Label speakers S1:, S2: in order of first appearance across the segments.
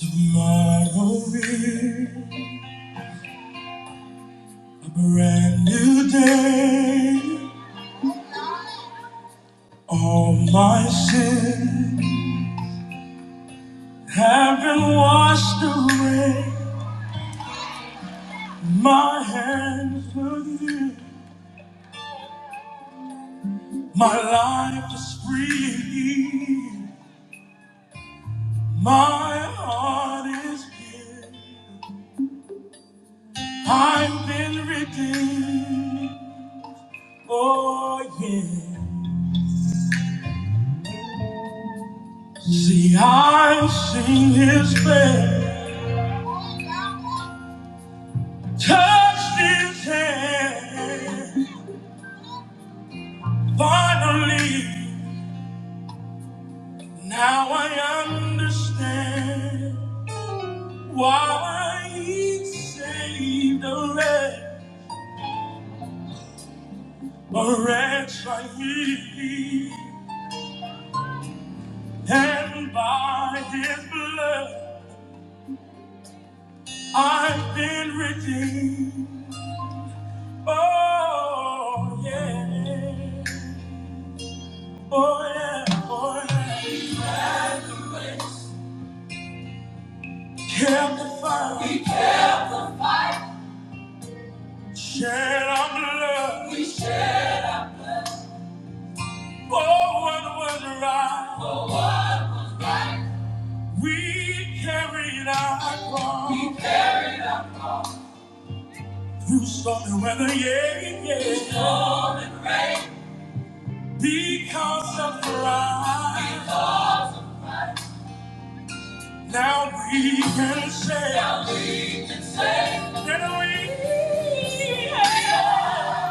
S1: Tomorrow is a brand new day. All my sins have been washed away. My hands are you. My life is free. My heart is pure. I've been redeemed. Oh yeah. See, I've seen His face. touched his hand. Finally, now I understand why he saved a wretch, a wretch like me. And by his blood, I've been redeemed. Oh, yeah. Oh, yeah. Oh, yeah. Kept the fire. Shed our blood. We shed our blood. for what was right. Oh, what was right. We carried our cross. We carried our cross. through stormy weather, yeah, yeah. Through storm and rain. Because of Christ. Because of Christ. Now we can say. Now we can say. That we. Yeah.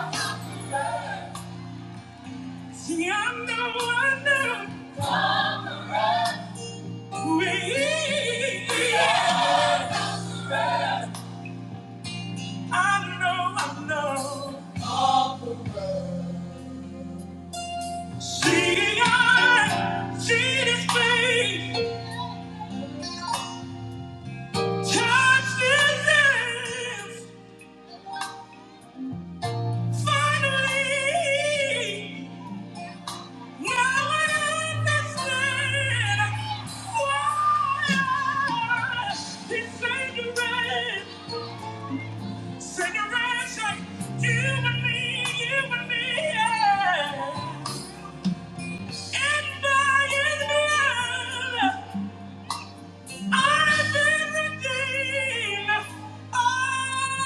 S1: See, I know, I know. Conquerors. I know, I know. See, I see this face, touch his lips. Finally, now I understand why this generation, generation, you and me, you and me, yeah. And by his I've been redeemed. Oh,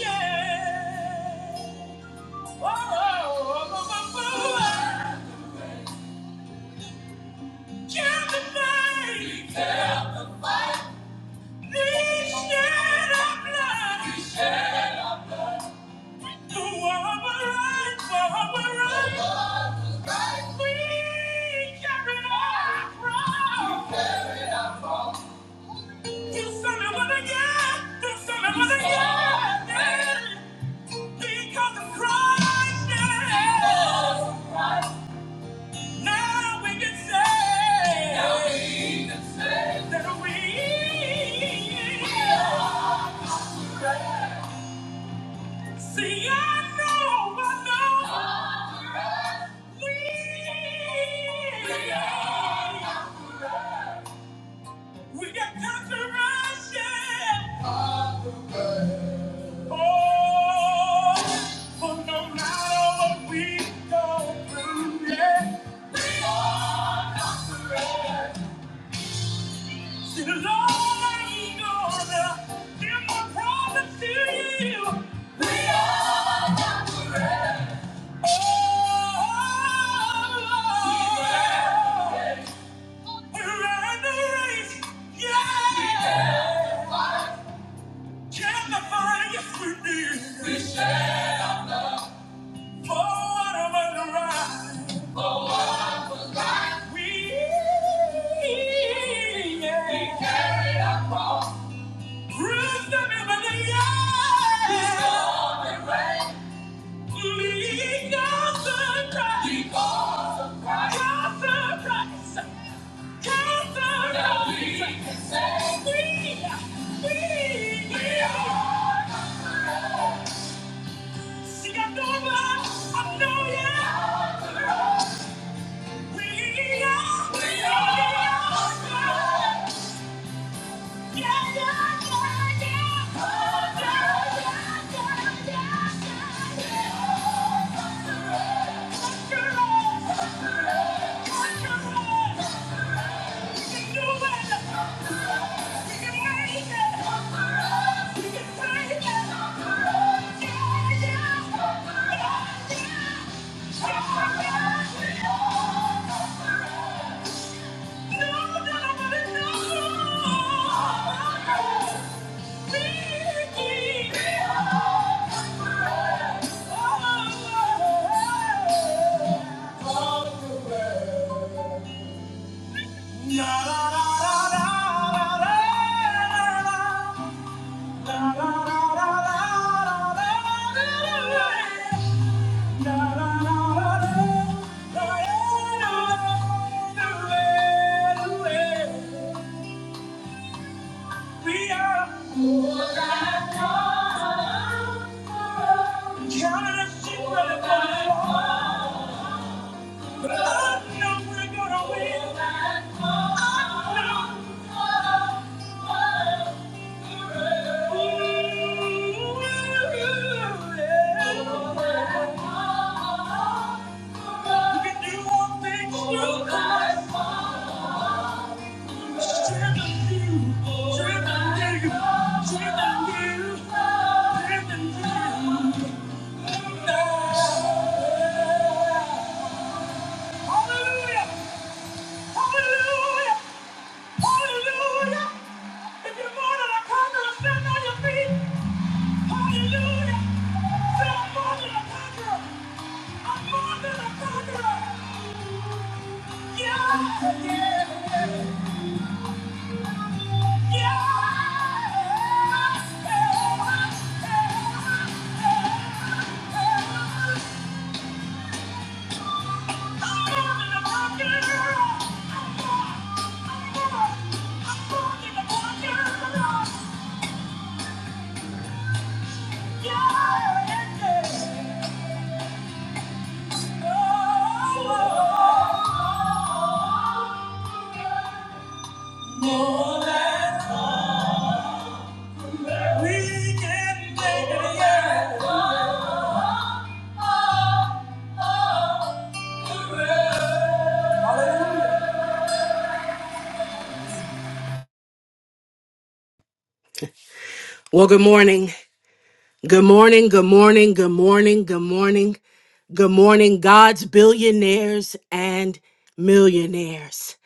S1: yeah. Oh, oh, oh, oh, oh, oh. Kill the day. Kill the fight. This blood. This shed of blood. To our right, to our right. We carry We carry our cross. Because of Christ, now we can say Now we can say see. I know, I know, we are. We got controversy. Oh, but no matter what we go through, yeah. The Lord ain't gonna give my promise to you. We are conquerors. Oh, we're in the race. Yeah. Can the fire if we need? We shall not. For what am for right? We, yeah. we carry our cross. Wisdom in the eye. Wisdom and reign. Lead us to Christ. Because of Christ. Because of Christ. Because of Now we can say We, we, we are. Yeah. Yeah. We are more than conquerors. counted as sheep that have gone astray. But I know we're gonna win. I know. Ooh, yeah. You can do all things through Christ. Strength in you. Strength in you. Strength in you. Strength in you. Hallelujah! Hallelujah! Hallelujah! If you're more than a conqueror, stand on your feet. Hallelujah! Say, I'm more than a conqueror. I'm more than a conqueror. Yeah, yeah, yeah. I'm more than a conqueror. I'm more. I'm more.
S2: Well, good morning. Good morning. Good morning. Good morning. Good morning. Good morning, God's billionaires and millionaires.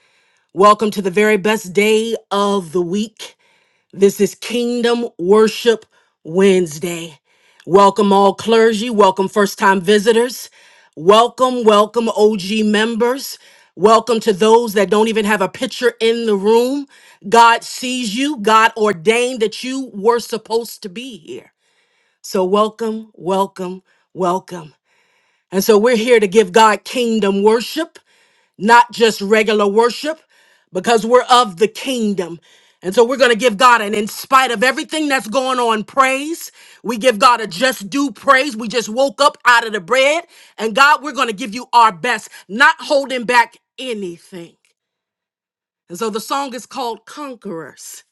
S2: Welcome to the very best day of the week. This is Kingdom Worship Wednesday. Welcome, all clergy. Welcome, first time visitors. Welcome, welcome, OG members. Welcome to those that don't even have a picture in the room. God sees you, God ordained that you were supposed to be here. So, welcome, welcome, welcome. And so, we're here to give God kingdom worship, not just regular worship, because we're of the kingdom. And so, we're going to give God an, in spite of everything that's going on, praise. We give God a just due praise. We just woke up out of the bread. And God, we're going to give you our best, not holding back anything. And so, the song is called Conquerors.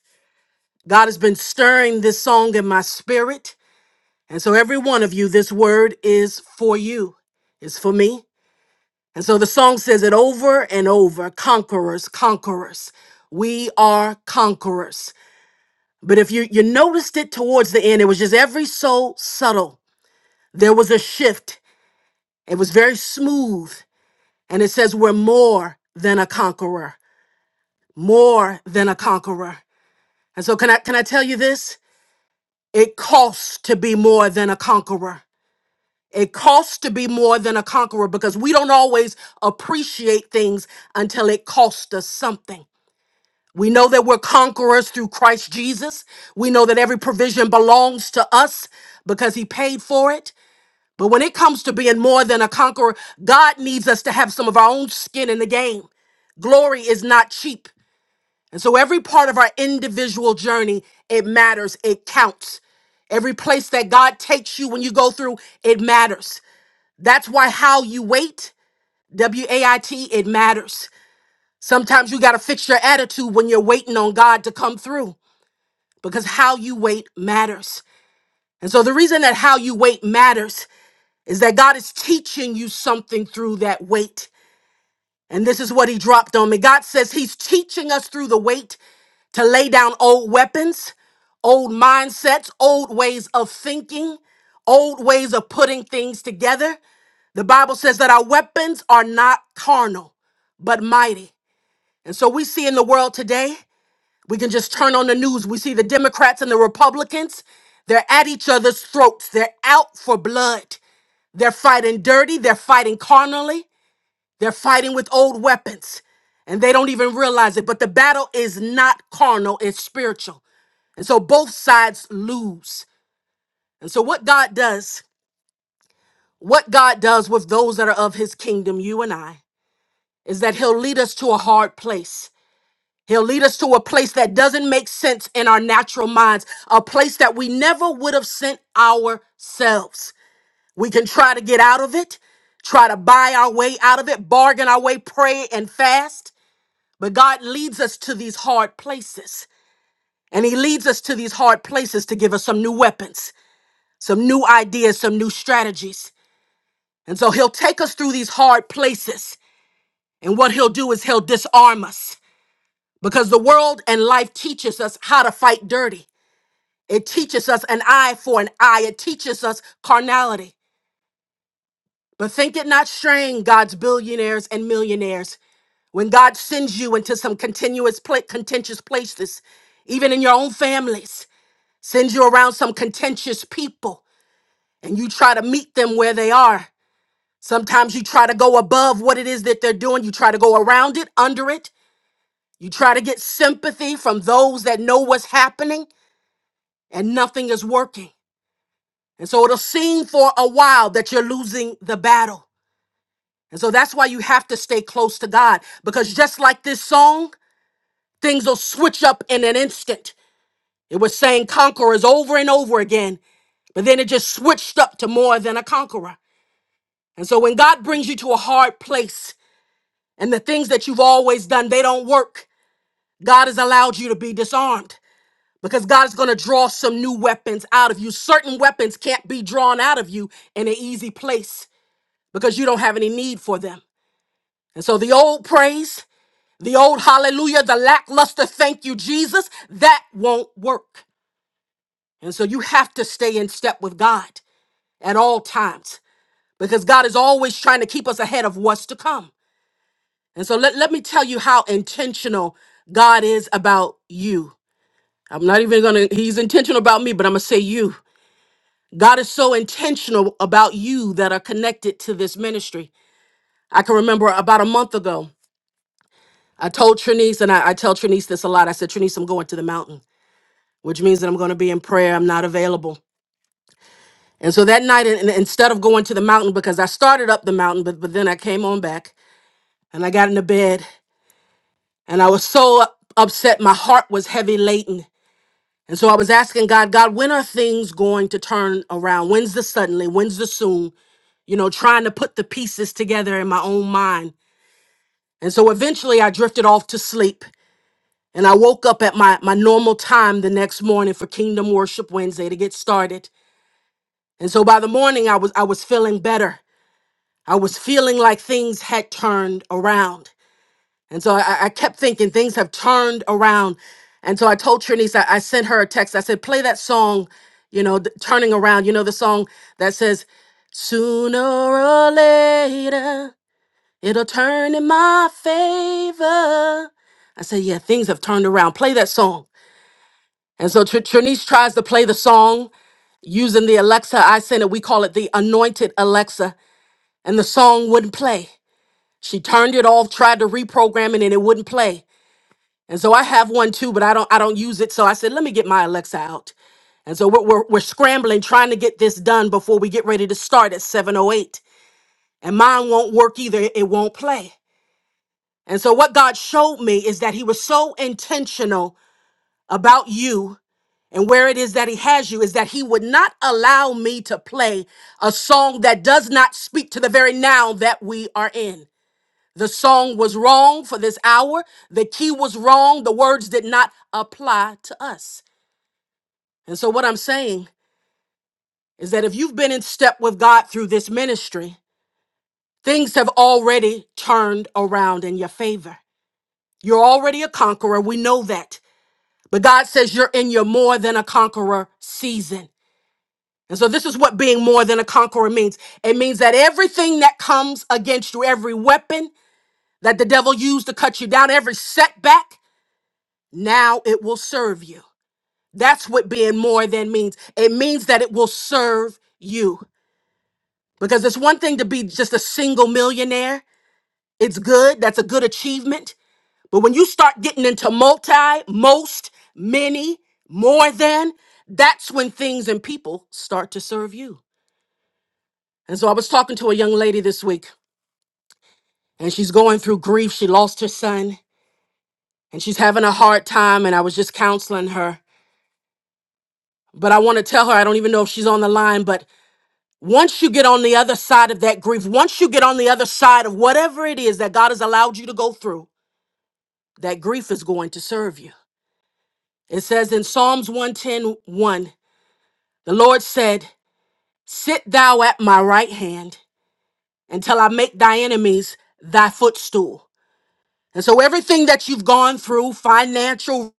S2: God has been stirring this song in my spirit. And so, every one of you, this word is for you, it's for me. And so, the song says it over and over conquerors, conquerors. We are conquerors. But if you, you noticed it towards the end, it was just every so subtle. There was a shift, it was very smooth. And it says, We're more than a conqueror, more than a conqueror. And so, can I, can I tell you this? It costs to be more than a conqueror. It costs to be more than a conqueror because we don't always appreciate things until it costs us something. We know that we're conquerors through Christ Jesus. We know that every provision belongs to us because he paid for it. But when it comes to being more than a conqueror, God needs us to have some of our own skin in the game. Glory is not cheap. And so every part of our individual journey, it matters, it counts. Every place that God takes you when you go through, it matters. That's why how you wait, W A I T, it matters. Sometimes you got to fix your attitude when you're waiting on God to come through because how you wait matters. And so the reason that how you wait matters is that God is teaching you something through that wait. And this is what he dropped on me. God says he's teaching us through the wait to lay down old weapons, old mindsets, old ways of thinking, old ways of putting things together. The Bible says that our weapons are not carnal, but mighty. And so we see in the world today, we can just turn on the news. We see the Democrats and the Republicans. They're at each other's throats. They're out for blood. They're fighting dirty. They're fighting carnally. They're fighting with old weapons. And they don't even realize it. But the battle is not carnal, it's spiritual. And so both sides lose. And so, what God does, what God does with those that are of his kingdom, you and I. is that he'll lead us to a hard place. He'll lead us to a place that doesn't make sense in our natural minds, a place that we never would have sent ourselves. We can try to get out of it, try to buy our way out of it, bargain our way, pray and fast. But God leads us to these hard places. And He leads us to these hard places to give us some new weapons, some new ideas, some new strategies. And so He'll take us through these hard places. And what He'll do is He'll disarm us. because the world and life teaches us how to fight dirty. It teaches us an eye for an eye. It teaches us carnality. But think it not strange, God's billionaires and millionaires, when God sends you into some continuous, pla- contentious places, even in your own families, sends you around some contentious people, and you try to meet them where they are. Sometimes you try to go above what it is that they're doing. You try to go around it, under it. You try to get sympathy from those that know what's happening. and nothing is working. And so it'll seem for a while that you're losing the battle. And so that's why you have to stay close to God because just like this song, things will switch up in an instant. It was saying conquerors over and over again, but then it just switched up to more than a conqueror. And so when God brings you to a hard place and the things that you've always done, they don't work, God has allowed you to be disarmed because God is going to draw some new weapons out of you. Certain weapons can't be drawn out of you in an easy place. because you don't have any need for them. And so the old praise, the old hallelujah, the lackluster thank you, Jesus, that won't work. And so you have to stay in step with God at all times because God is always trying to keep us ahead of what's to come. And so let, let me tell you how intentional God is about you. I'm not even going to, he's intentional about me, but I'm going to say you. God is so intentional about you that are connected to this ministry. I can remember about a month ago. I told Trinice, and I, I tell Trinice this a lot. I said, Trinice, I'm going to the mountain, which means that I'm going to be in prayer. I'm not available. And so that night, and, and instead of going to the mountain, because I started up the mountain, but, but then I came on back and I got into bed and I was so up- upset. My heart was heavy laden. And so I was asking God, God, when are things going to turn around? When's the suddenly? When's the soon? You know, trying to put the pieces together in my own mind. And so eventually I drifted off to sleep And I woke up at my, my normal time the next morning for Kingdom Worship Wednesday to get started. And so by the morning I was I was feeling better. I was feeling like things had turned around. And so I, I kept thinking things have turned around. And so I told Trinice, I, I sent her a text. I said, play that song, you know, th- turning around. You know, the song that says, sooner or later, it'll turn in my favor. I said, yeah, things have turned around. Play that song. And so Tr- Trinice tries to play the song using the Alexa I sent it. We call it the anointed Alexa. And the song wouldn't play. She turned it off, tried to reprogram it, and it wouldn't play. And so I have one too, but I don't I don't use it. So I said, let me get my Alexa out. And so we're, we're, we're scrambling trying to get this done before we get ready to start at 708. And mine won't work either. It won't play. And so what God showed me is that he was so intentional about you and where it is that he has you is that he would not allow me to play a song that does not speak to the very now that we are in. The song was wrong for this hour. The key was wrong. The words did not apply to us. And so, what I'm saying is that if you've been in step with God through this ministry, things have already turned around in your favor. You're already a conqueror. We know that. But God says you're in your more than a conqueror season. And so, this is what being more than a conqueror means it means that everything that comes against you, every weapon that the devil used to cut you down, every setback, now it will serve you. That's what being more than means. It means that it will serve you. Because it's one thing to be just a single millionaire, it's good, that's a good achievement. But when you start getting into multi, most, many, more than, that's when things and people start to serve you. And so I was talking to a young lady this week and she's going through grief. She lost her son and she's having a hard time, and I was just counseling her. But I want to tell her, I don't even know if she's on the line, but once you get on the other side of that grief, once you get on the other side of whatever it is that God has allowed you to go through, that grief is going to serve you. It says in Psalms one ten one, the Lord said, Sit thou at my right hand until I make thy enemies thy footstool. And so everything that you've gone through, financial,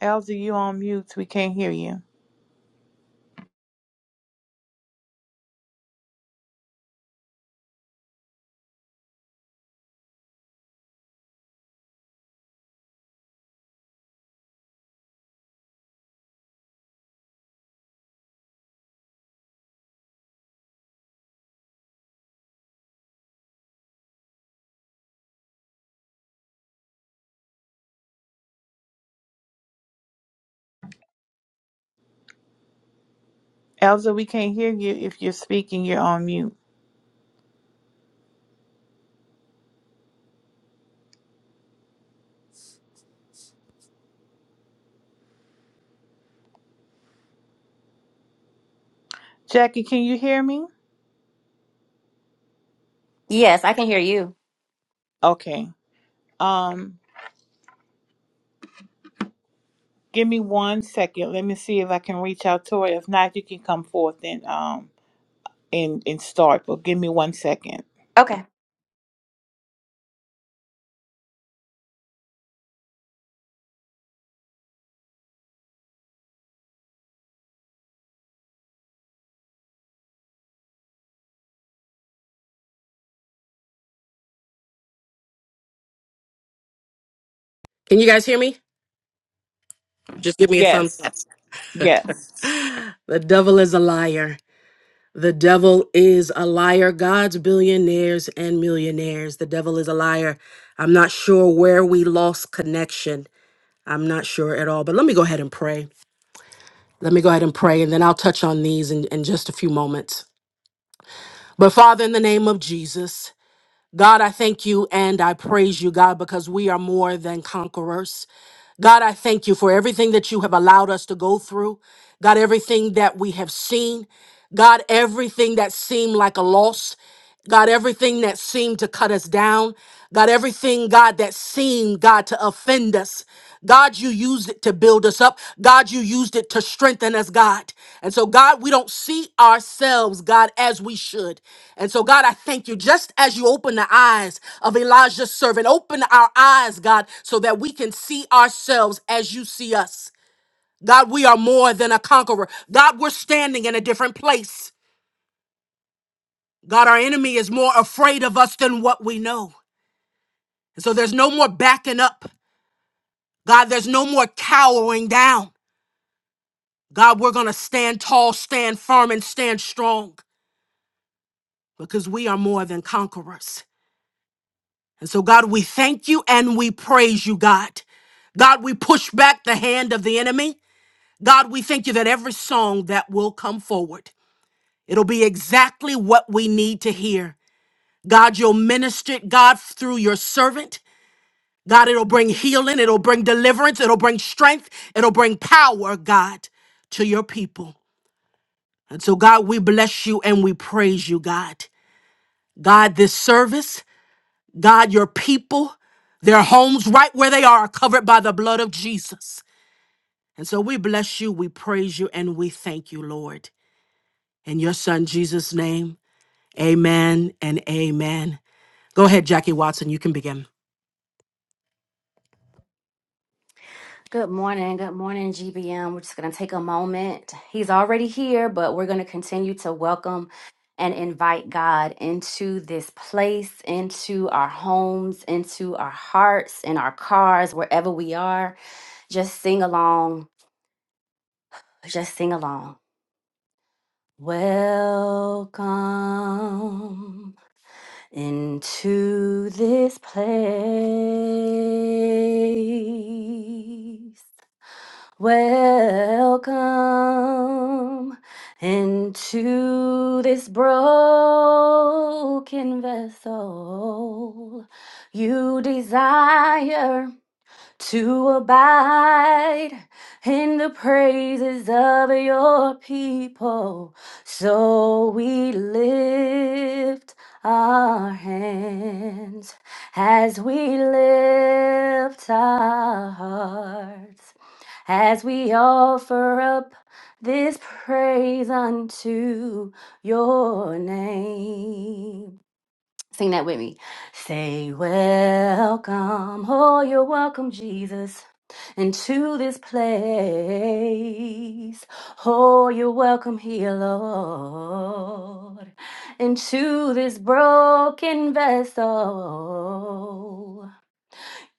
S1: Elza, you on mute. We can't hear you. Elza, we can't hear you. If you're speaking, you're on mute. Jackie, can you hear me?
S3: Yes, I can hear you.
S1: Okay. Um, give me one second. Let me see if I can reach out to her. If not, you can come forth and um and and start. But give me one second.
S3: Okay.
S2: can you guys hear me? Just give me a thumbs
S1: Yes.
S2: up.
S1: Yes.
S2: The devil is a liar. The devil is a liar. God's billionaires and millionaires. The devil is a liar. I'm not sure where we lost connection. I'm not sure at all. But let me go ahead and pray. Let me go ahead and pray, and then I'll touch on these in, in just a few moments. But Father, in the name of Jesus, God, I thank you and I praise you, God, because we are more than conquerors. God, I thank you for everything that you have allowed us to go through. God, everything that we have seen. God, everything that seemed like a loss. God, everything that seemed to cut us down. God, everything, God, that seemed, God, to offend us. God, you use th- to build us up. God, you used it to strengthen us, God. And so, God, we don't see ourselves, God, as we should. And so, God, I thank you. Just as you open the eyes of Elijah's servant, open our eyes, God, so that we can see ourselves as you see us. God, we are more than a conqueror. God, we're standing in a different place. God, our enemy is more afraid of us than what we know. And so there's no more backing up. God, there's no more cowering down. God, we're going to stand tall, stand firm, and stand strong because we are more than conquerors. And so, God, we thank you and we praise you, God. God, we push back the hand of the enemy. God, we thank you that every song that will come forward, it'll be exactly what we need to hear. God, you'll minister it, God, through your servant. God, it'll bring healing, it'll bring deliverance, it'll bring strength, it'll bring power, God, to your people. And so, God, we bless you and we praise you, God. God, this service, God, your people, their homes right where they are, are covered by the blood of Jesus. And so we bless you, we praise you, and we thank you, Lord. In your son Jesus' name, amen and amen. Go ahead, Jackie Watson, you can begin.
S3: Good morning. Good morning, GBM. We're just going to take a moment. He's already here, but we're going to continue to welcome and invite God into this place, into our homes, into our hearts, in our cars, wherever we are. Just sing along. Just sing along. Welcome into this place. Welcome into this broken vessel. You desire to abide in the praises of your people. So we lift our hands as we lift our hearts, as we offer up this praise unto your name. Sing that with me. Say, Welcome, oh, you're welcome, Jesus, into this place. Oh, you're welcome here, Lord, into this broken vessel.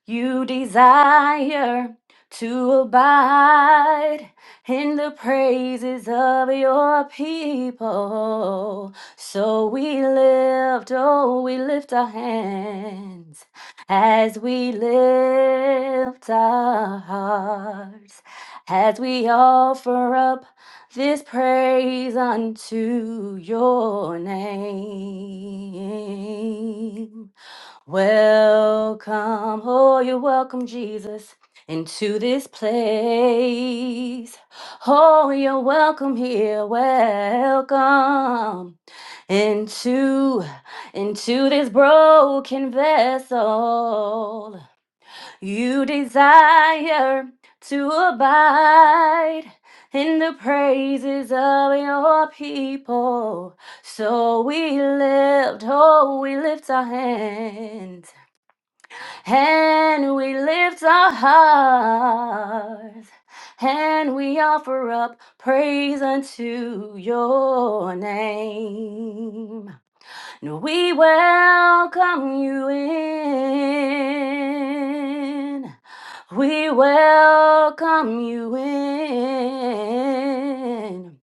S3: You desire to abide in the praises of your people. So we lift, oh, we lift our hands as we lift our hearts, as we offer up this praise unto your name. Welcome, oh, you're welcome, Jesus, into this place. Oh, you're welcome here. Welcome into into this broken vessel. You desire to abide in the praises of your people. So we lift, oh, we lift our hands and we lift our hearts and we offer up praise unto your name. And we welcome you in. We welcome you in.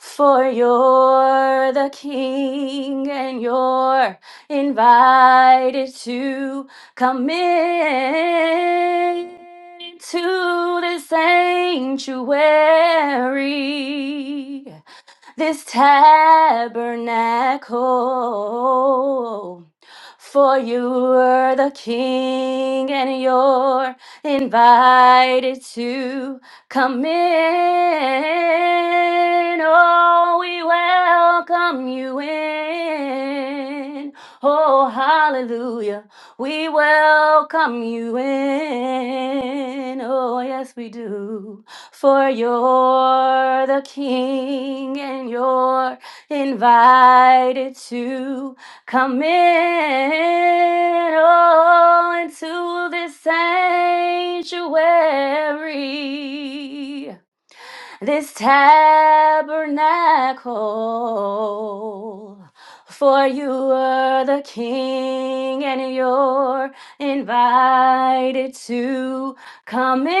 S3: For you're the king and you're invited to come in to the sanctuary this tabernacle. For you are the king, and you're invited to come in. Oh, we welcome you in. Oh, hallelujah. We welcome you in. Oh, yes, we do for you're the King and you're invited to come in oh, into this sanctuary this tabernacle. For you are the king, and you're invited to come in.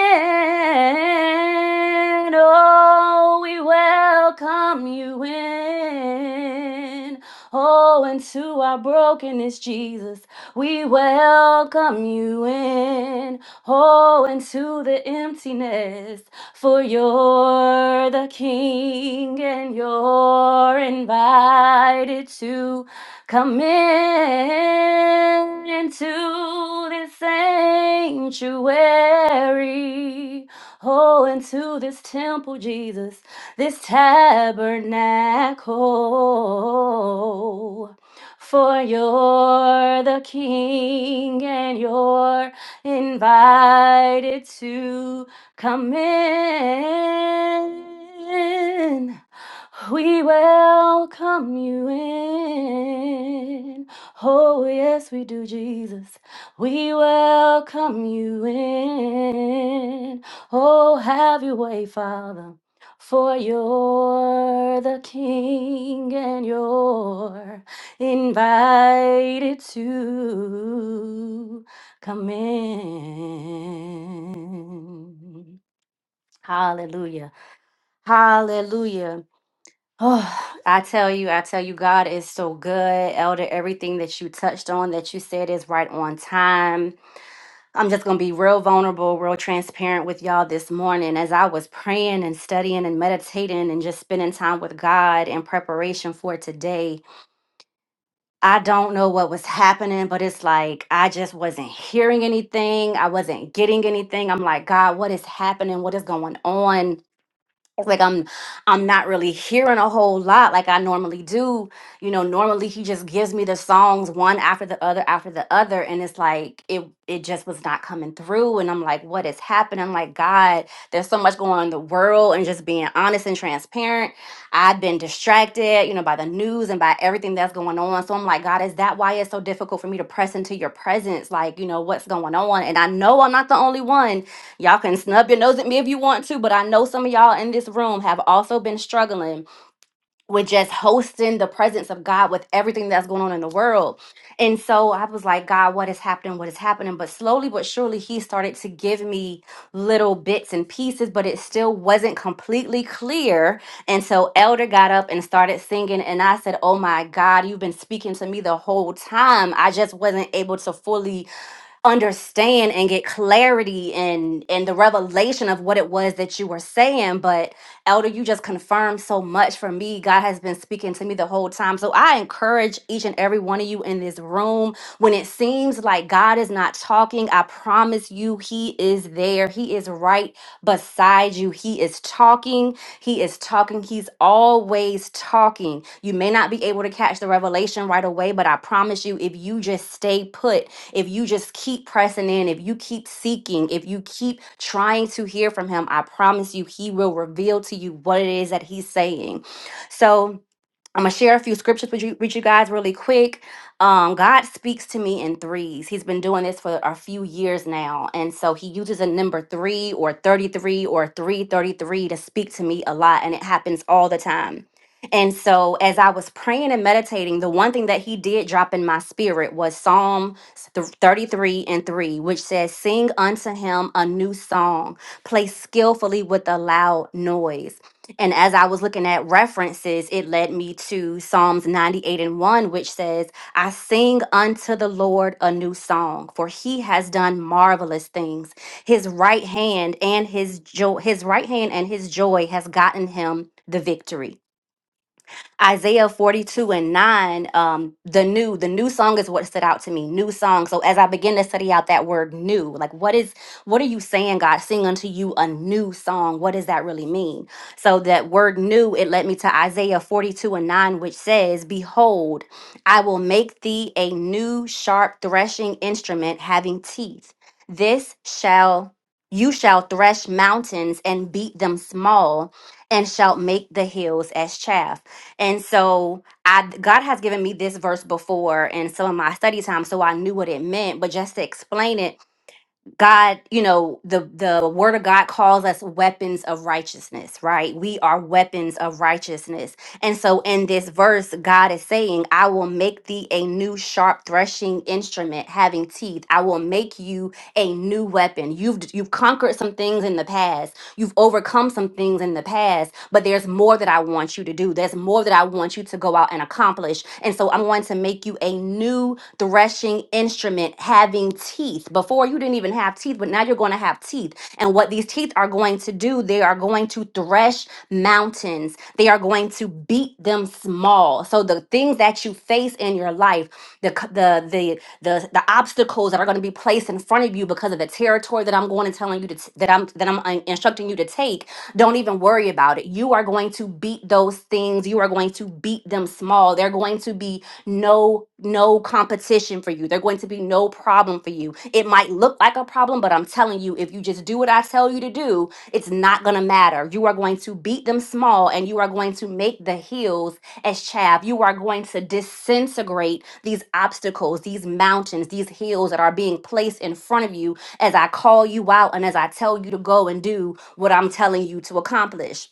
S3: Oh, we welcome you in. Oh, into our brokenness, Jesus. We welcome you in, oh, into the emptiness, for you're the King and you're invited to come in into this sanctuary, oh, into this temple, Jesus, this tabernacle for you're the king and you're invited to come in. We welcome you in. Oh, yes, we do, Jesus. We welcome you in. Oh, have your way, Father. For you're the king and you're invited to come in. Hallelujah. Hallelujah. Oh, I tell you, I tell you, God is so good. Elder, everything that you touched on, that you said is right on time. I'm just going to be real vulnerable, real transparent with y'all this morning. As I was praying and studying and meditating and just spending time with God in preparation for today, I don't know what was happening, but it's like I just wasn't hearing anything. I wasn't getting anything. I'm like, God, what is happening? What is going on? it's like I'm I'm not really hearing a whole lot like I normally do. You know, normally he just gives me the songs one after the other after the other and it's like it it just was not coming through and I'm like what is happening? I'm like god, there's so much going on in the world and just being honest and transparent. I've been distracted, you know, by the news and by everything that's going on. So I'm like god, is that why it's so difficult for me to press into your presence? Like, you know, what's going on? And I know I'm not the only one Y'all can snub your nose at me if you want to, but I know some of y'all in this room have also been struggling with just hosting the presence of God with everything that's going on in the world. And so I was like, God, what is happening? What is happening? But slowly but surely, He started to give me little bits and pieces, but it still wasn't completely clear. And so Elder got up and started singing. And I said, Oh my God, you've been speaking to me the whole time. I just wasn't able to fully understand and get clarity and and the revelation of what it was that you were saying but elder you just confirmed so much for me god has been speaking to me the whole time so i encourage each and every one of you in this room when it seems like god is not talking i promise you he is there he is right beside you he is talking he is talking he's always talking you may not be able to catch the revelation right away but i promise you if you just stay put if you just keep pressing in, if you keep seeking, if you keep trying to hear from Him, I promise you, He will reveal to you what it is that He's saying. So, I'm gonna share a few scriptures with you, with you guys really quick. Um, God speaks to me in threes. He's been doing this for a few years now, and so He uses a number three or thirty-three or three thirty-three to speak to me a lot, and it happens all the time. And so, as I was praying and meditating, the one thing that He did drop in my spirit was Psalm th- thirty-three and three, which says, "Sing unto Him a new song, play skillfully with a loud noise." And as I was looking at references, it led me to Psalms 98 and 1, which says, I sing unto the Lord a new song, for he has done marvelous things. His right hand and his joy, his right hand and his joy has gotten him the victory. Isaiah 42 and 9, um, the new, the new song is what stood out to me. New song. So as I begin to study out that word new, like what is what are you saying, God? Sing unto you a new song. What does that really mean? So that word new, it led me to Isaiah 42 and 9, which says, Behold, I will make thee a new sharp threshing instrument having teeth. This shall you shall thresh mountains and beat them small, and shalt make the hills as chaff. And so I God has given me this verse before in some of my study time, so I knew what it meant. But just to explain it, God, you know, the the word of God calls us weapons of righteousness, right? We are weapons of righteousness. And so in this verse, God is saying, I will make thee a new sharp threshing instrument having teeth. I will make you a new weapon. You've you've conquered some things in the past. You've overcome some things in the past, but there's more that I want you to do. There's more that I want you to go out and accomplish. And so I'm going to make you a new threshing instrument having teeth. Before you didn't even have teeth, but now you're going to have teeth. And what these teeth are going to do, they are going to thresh mountains. They are going to beat them small. So the things that you face in your life, the c- the the the, the obstacles that are going to be placed in front of you because of the territory that I'm going and telling you to t- that I'm that I'm uh, instructing you to take don't even worry about it. You are going to beat those things. You are going to beat them small. They're going to be no no competition for you. They're going to be no problem for you. It might look like a problem, but I'm telling you, if you just do what I tell you to do, it's not going to matter. You are going to beat them small and you are going to make the hills as chaff. You are going to disintegrate these obstacles, these mountains, these hills that are being placed in front of you as I call you out and as I tell you to go and do what I'm telling you to accomplish.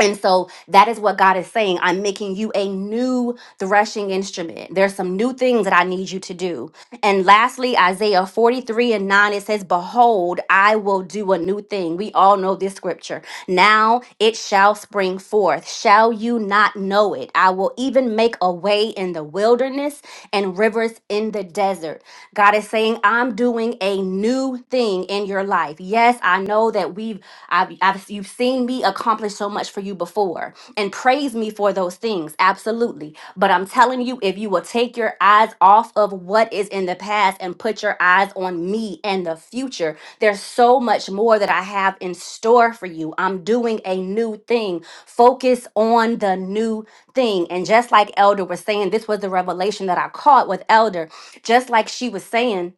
S3: And so that is what God is saying. I'm making you a new threshing instrument. There's some new things that I need you to do. And lastly, Isaiah 43 and 9, it says, Behold, I will do a new thing. We all know this scripture. Now it shall spring forth. Shall you not know it? I will even make a way in the wilderness and rivers in the desert. God is saying, I'm doing a new thing in your life. Yes, I know that we've I've, I've you've seen me accomplish so much for you before and praise me for those things absolutely but i'm telling you if you will take your eyes off of what is in the past and put your eyes on me and the future there's so much more that i have in store for you i'm doing a new thing focus on the new thing and just like elder was saying this was the revelation that i caught with elder just like she was saying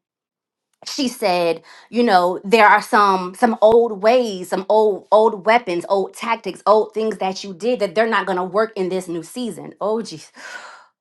S3: she said, you know, there are some some old ways, some old old weapons, old tactics, old things that you did that they're not going to work in this new season. Oh geez.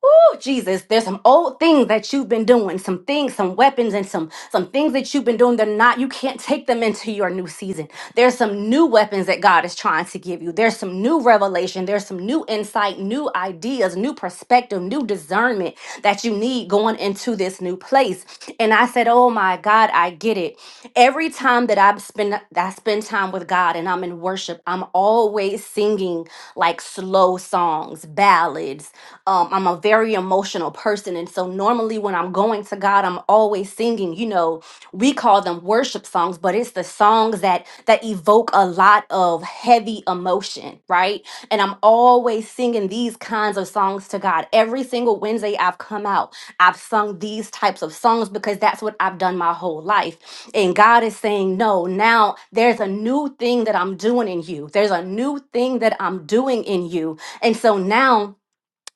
S3: Oh, Jesus, there's some old things that you've been doing, some things, some weapons, and some some things that you've been doing. They're not, you can't take them into your new season. There's some new weapons that God is trying to give you. There's some new revelation. There's some new insight, new ideas, new perspective, new discernment that you need going into this new place. And I said, Oh my God, I get it. Every time that I spend that I spend time with God and I'm in worship, I'm always singing like slow songs, ballads ballads. Um, I'm a very emotional person. And so normally when I'm going to God, I'm always singing, you know, we call them worship songs, but it's the songs that that evoke a lot of heavy emotion, right? And I'm always singing these kinds of songs to God. Every single Wednesday I've come out, I've sung these types of songs because that's what I've done my whole life. And God is saying, No, now there's a new thing that I'm doing in you. There's a new thing that I'm doing in you. And so now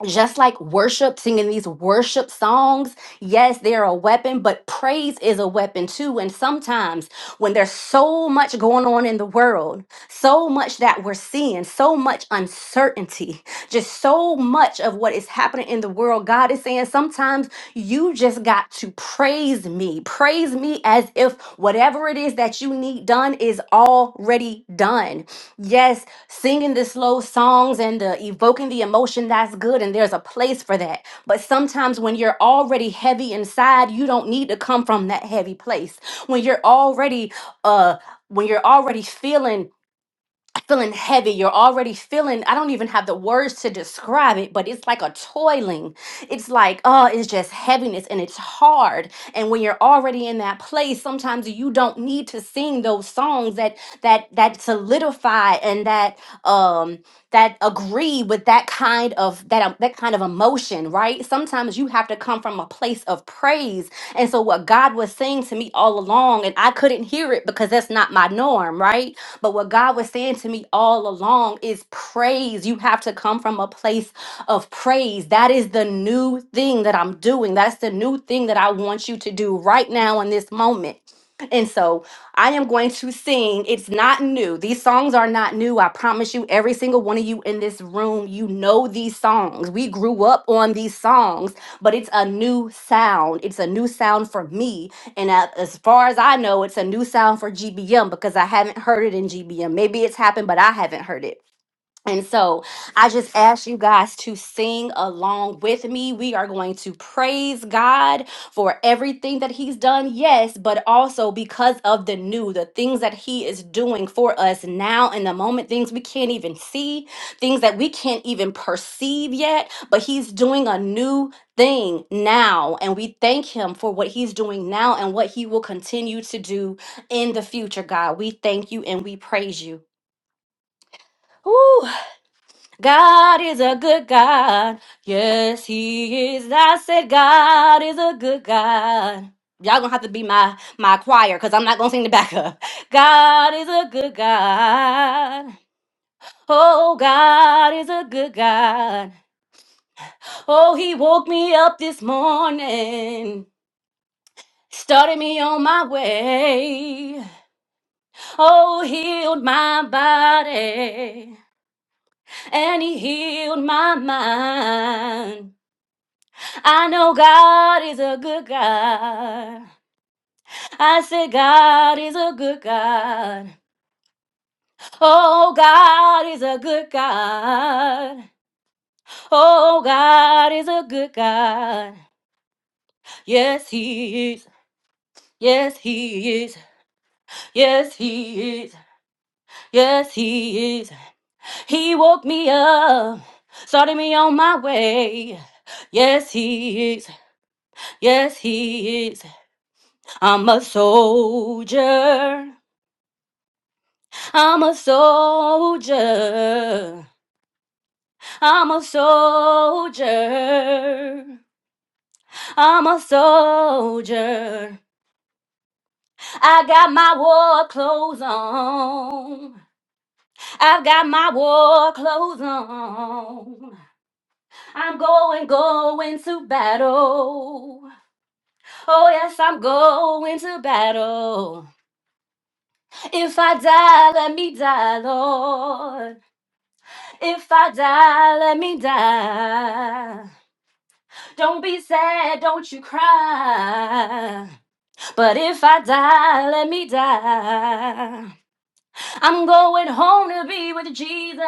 S3: just like worship, singing these worship songs, yes, they're a weapon, but praise is a weapon too. And sometimes when there's so much going on in the world, so much that we're seeing, so much uncertainty, just so much of what is happening in the world, God is saying sometimes you just got to praise me. Praise me as if whatever it is that you need done is already done. Yes, Singing the slow songs and the evoking the emotion, that's good, and there's a place for that. But sometimes when you're already heavy inside, you don't need to come from that heavy place. When you're already uh when you're already feeling feeling heavy. You're already feeling, I don't even have the words to describe it, but it's like a toiling. It's like, oh, it's just heaviness and it's hard. And when you're already in that place, sometimes you don't need to sing those songs that that that solidify and that um that agree with that kind of that um, that kind of emotion, right? Sometimes you have to come from a place of praise. And so what God was saying to me all along and I couldn't hear it because that's not my norm, right? But what God was saying to me all along is praise. You have to come from a place of praise. That is the new thing that I'm doing. That's the new thing that I want you to do right now in this moment. And so I am going to sing. It's not new. These songs are not new. I promise you, every single one of you in this room, you know these songs. We grew up on these songs, but it's a new sound. It's a new sound for me. And a- as far as I know, it's a new sound for GBM because I haven't heard it in GBM. Maybe it's happened, but I haven't heard it. And so I just ask you guys to sing along with me. We are going to praise God for everything that He's done, yes, but also because of the new, the things that He is doing for us now in the moment, things we can't even see, things that we can't even perceive yet, but He's doing a new thing now. And we thank Him for what He's doing now and what He will continue to do in the future, God. We thank you and we praise you. Woo! God is a good God. Yes, he is. I said God is a good God. Y'all gonna have to be my my choir because I'm not gonna sing the backup. God is a good God. Oh, God is a good God. Oh, he woke me up this morning, started me on my way. Oh, healed my body, and he healed my mind. I know God is a good God. I say God is a good God. Oh, God is a good God. Oh, God is a good God. Yes, He is. Yes, He is. Yes, He is. Yes, He is. He woke me up, started me on my way. Yes, He is. Yes, He is. I'm a soldier. I'm a soldier. I'm a soldier. I'm a soldier. I got my war clothes on. I've got my war clothes on. I'm going, going to battle. Oh, yes, I'm going to battle. If I die, let me die, Lord. If I die, let me die. Don't be sad, don't you cry. But if I die, let me die. I'm going home to be with Jesus.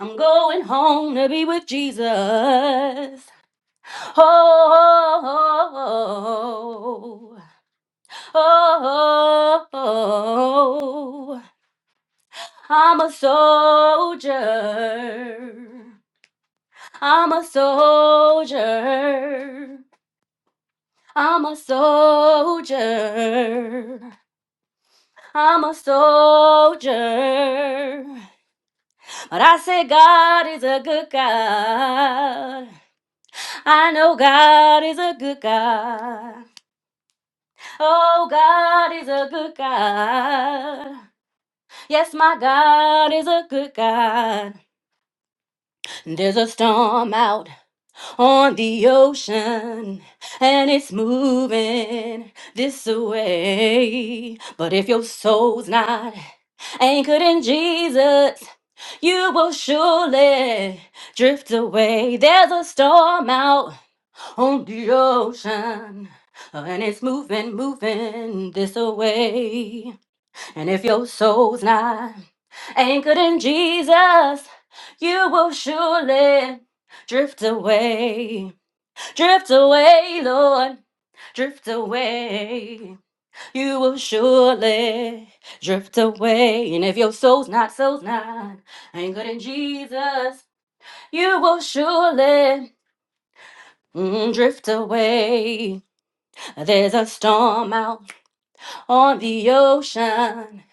S3: I'm going home to be with Jesus. Oh, oh, oh, oh. oh I'm a soldier. I'm a soldier. I'm a soldier. I'm a soldier. But I say God is a good God. I know God is a good God. Oh, God is a good God. Yes, my God is a good God. There's a storm out. on the ocean and it's moving this way. But if your soul's not anchored in Jesus, you will surely drift away. There's a storm out on the ocean. And it's moving, moving this way. And if your soul's not anchored in Jesus, you will surely drift away. Drift away, Lord, drift away. You will surely drift away. And if your soul's not, soul's not anchored in Jesus, you will surely mm, drift away. There's a storm out on the ocean,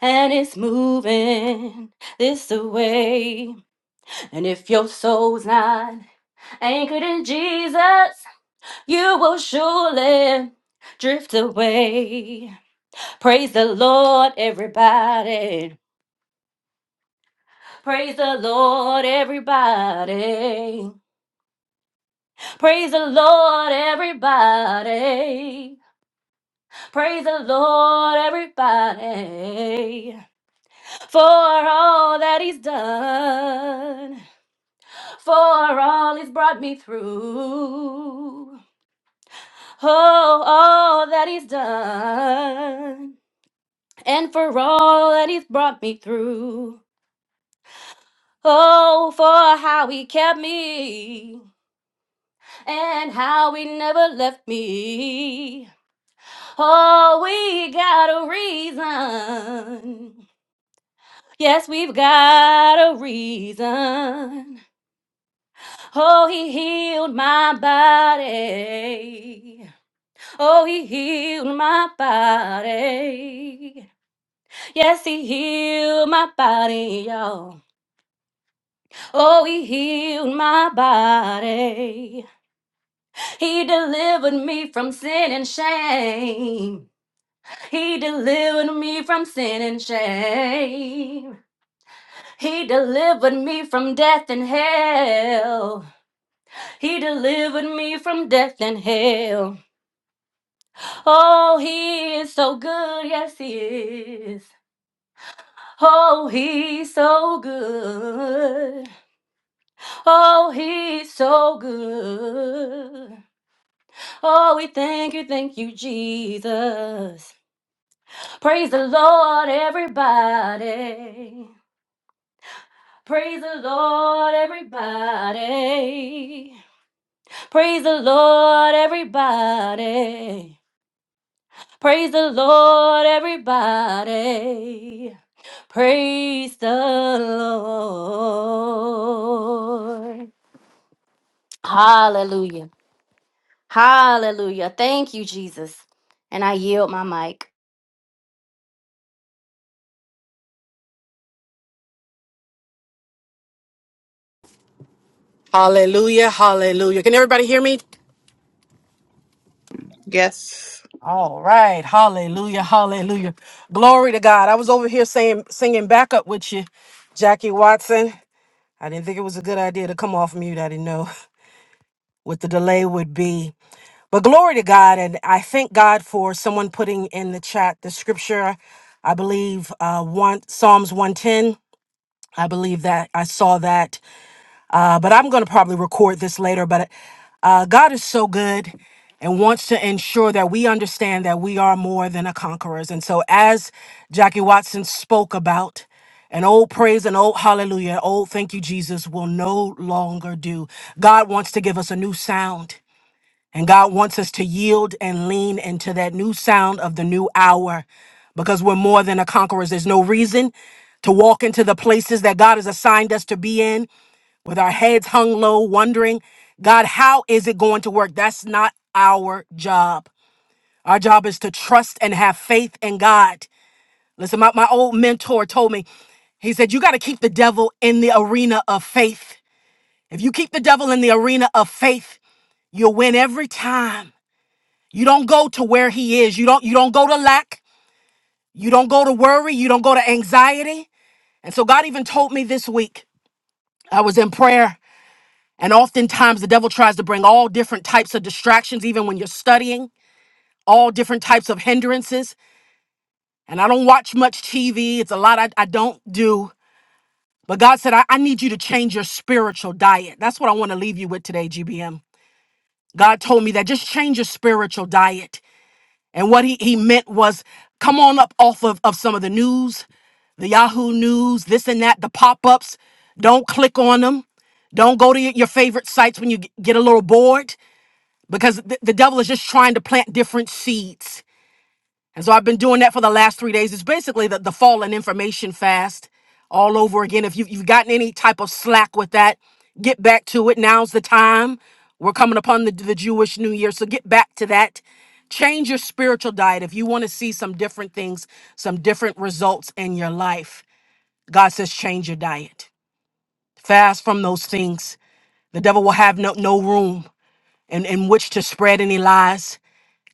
S3: and it's moving this way. And if your soul's not anchored in Jesus, You will surely drift away. Praise the Lord, everybody. Praise the Lord, everybody. Praise the Lord, everybody. Praise the Lord, everybody. For all that He's done, for all He's brought me through. Oh, all that He's done. and for all that he's brought me through. Oh, for how he kept me and how he never left me. Oh, we got a reason. Yes, we've got a reason. Oh, he healed my body. Oh, he healed my body. Yes, he healed my body, y'all. Oh, he healed my body. He delivered me from sin and shame. He delivered me from sin and shame. He delivered me from death and hell. He delivered me from death and hell. Oh, he is so good. Yes, he is. Oh, he's so good. Oh, he's so good. Oh, we thank you, thank you, Jesus. Praise the Lord, everybody. Praise the Lord, everybody. Praise the Lord, everybody. Praise the Lord, everybody. Praise the Lord. Hallelujah. Hallelujah. Thank you, Jesus. And I yield my mic.
S2: Hallelujah, hallelujah. Can everybody hear me?
S1: Yes.
S2: All right, hallelujah, hallelujah. Glory to God. I was over here saying, singing backup with you, Jackie Watson. I didn't think it was a good idea to come off mute. I didn't know. what the delay would be. But glory to God. And I thank God for someone putting in the chat the scripture. I believe uh, one, Psalms 110. I believe that I saw that. Uh, but I'm going to probably record this later. But uh, God is so good and wants to ensure that we understand that we are more than a conquerors. And so, as Jackie Watson spoke about, an old praise, an old hallelujah, old thank you, Jesus will no longer do. God wants to give us a new sound. And God wants us to yield and lean into that new sound of the new hour because we're more than a conquerors. There's no reason to walk into the places that God has assigned us to be in with our heads hung low, wondering, God, how is it going to work? That's not our job. Our job is to trust and have faith in God. Listen, my, my old mentor told me, he said, You got to keep the devil in the arena of faith. If you keep the devil in the arena of faith, you'll win every time. You don't go to where he is. You don't you don't go to lack. You don't go to worry. You don't go to anxiety. And so God even told me this week, I was in prayer, and oftentimes the devil tries to bring all different types of distractions, even when you're studying, all different types of hindrances. And I don't watch much TV. It's a lot I, I don't do. But God said, I, I need you to change your spiritual diet. That's what I want to leave you with today, GBM. God told me that just change your spiritual diet. And what he, he meant was come on up off of, of some of the news, the Yahoo News, this and that, the pop ups. Don't click on them. Don't go to y- your favorite sites when you g- get a little bored because th- the devil is just trying to plant different seeds and so I've been doing that for the last three days. It's basically the, the fallen information fast all over again. If you, you've gotten any type of slack with that, get back to it. Now's the time. We're coming upon the, the Jewish New Year. So get back to that. Change your spiritual diet. If you want to see some different things, some different results in your life, God says change your diet. Fast from those things. The devil will have no, no room in, in which to spread any lies